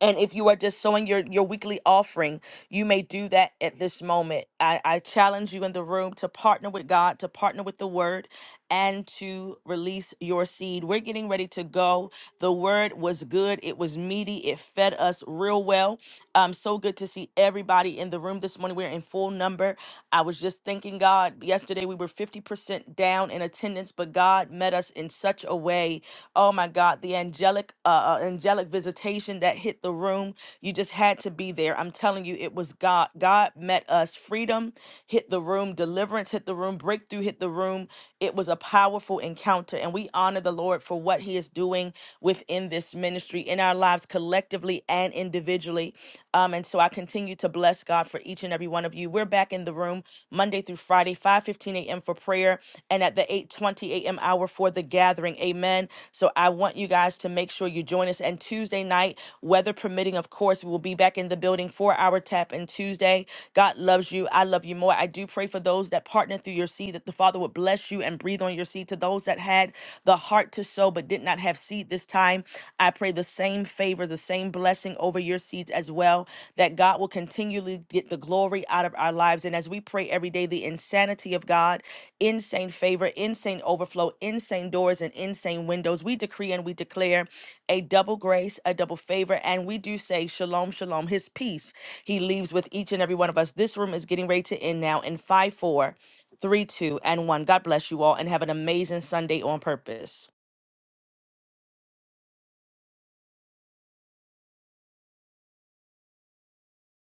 C: and if you are just sowing your, your weekly offering, you may do that at this moment. I, I challenge you in the room to partner with God, to partner with the word, and to release your seed. We're getting ready to go. The word was good, it was meaty, it fed us real well. Um, so good to see everybody in the room this morning. We're in full number. I was just thanking God. Yesterday we were 50% down in attendance, but God met us in such a way. Oh my God, the angelic uh, uh, angelic visitation that hit the room. You just had to be there. I'm telling you, it was God. God met us. Freedom hit the room. Deliverance hit the room. Breakthrough hit the room. It was a powerful encounter, and we honor the Lord for what He is doing within this this ministry in our lives collectively and individually. Um, and so I continue to bless God for each and every one of you. We're back in the room Monday through Friday, 5:15 a.m. for prayer and at the 8:20 a.m. hour for the gathering. Amen. So I want you guys to make sure you join us. And Tuesday night, weather permitting, of course, we will be back in the building for our tap in Tuesday. God loves you. I love you more. I do pray for those that partner through your seed that the Father would bless you and breathe on your seed to those that had the heart to sow but did not have seed this time, I pray the same favor, the same blessing over your seeds as well, that God will continually get the glory out of our lives. And as we pray every day, the insanity of God, insane favor, insane overflow, insane doors, and insane windows, we decree and we declare a double grace, a double favor. And we do say, Shalom, Shalom, His peace He leaves with each and every one of us. This room is getting ready to end now in 5 4 three, two, and one. God bless you all and have an amazing Sunday on purpose.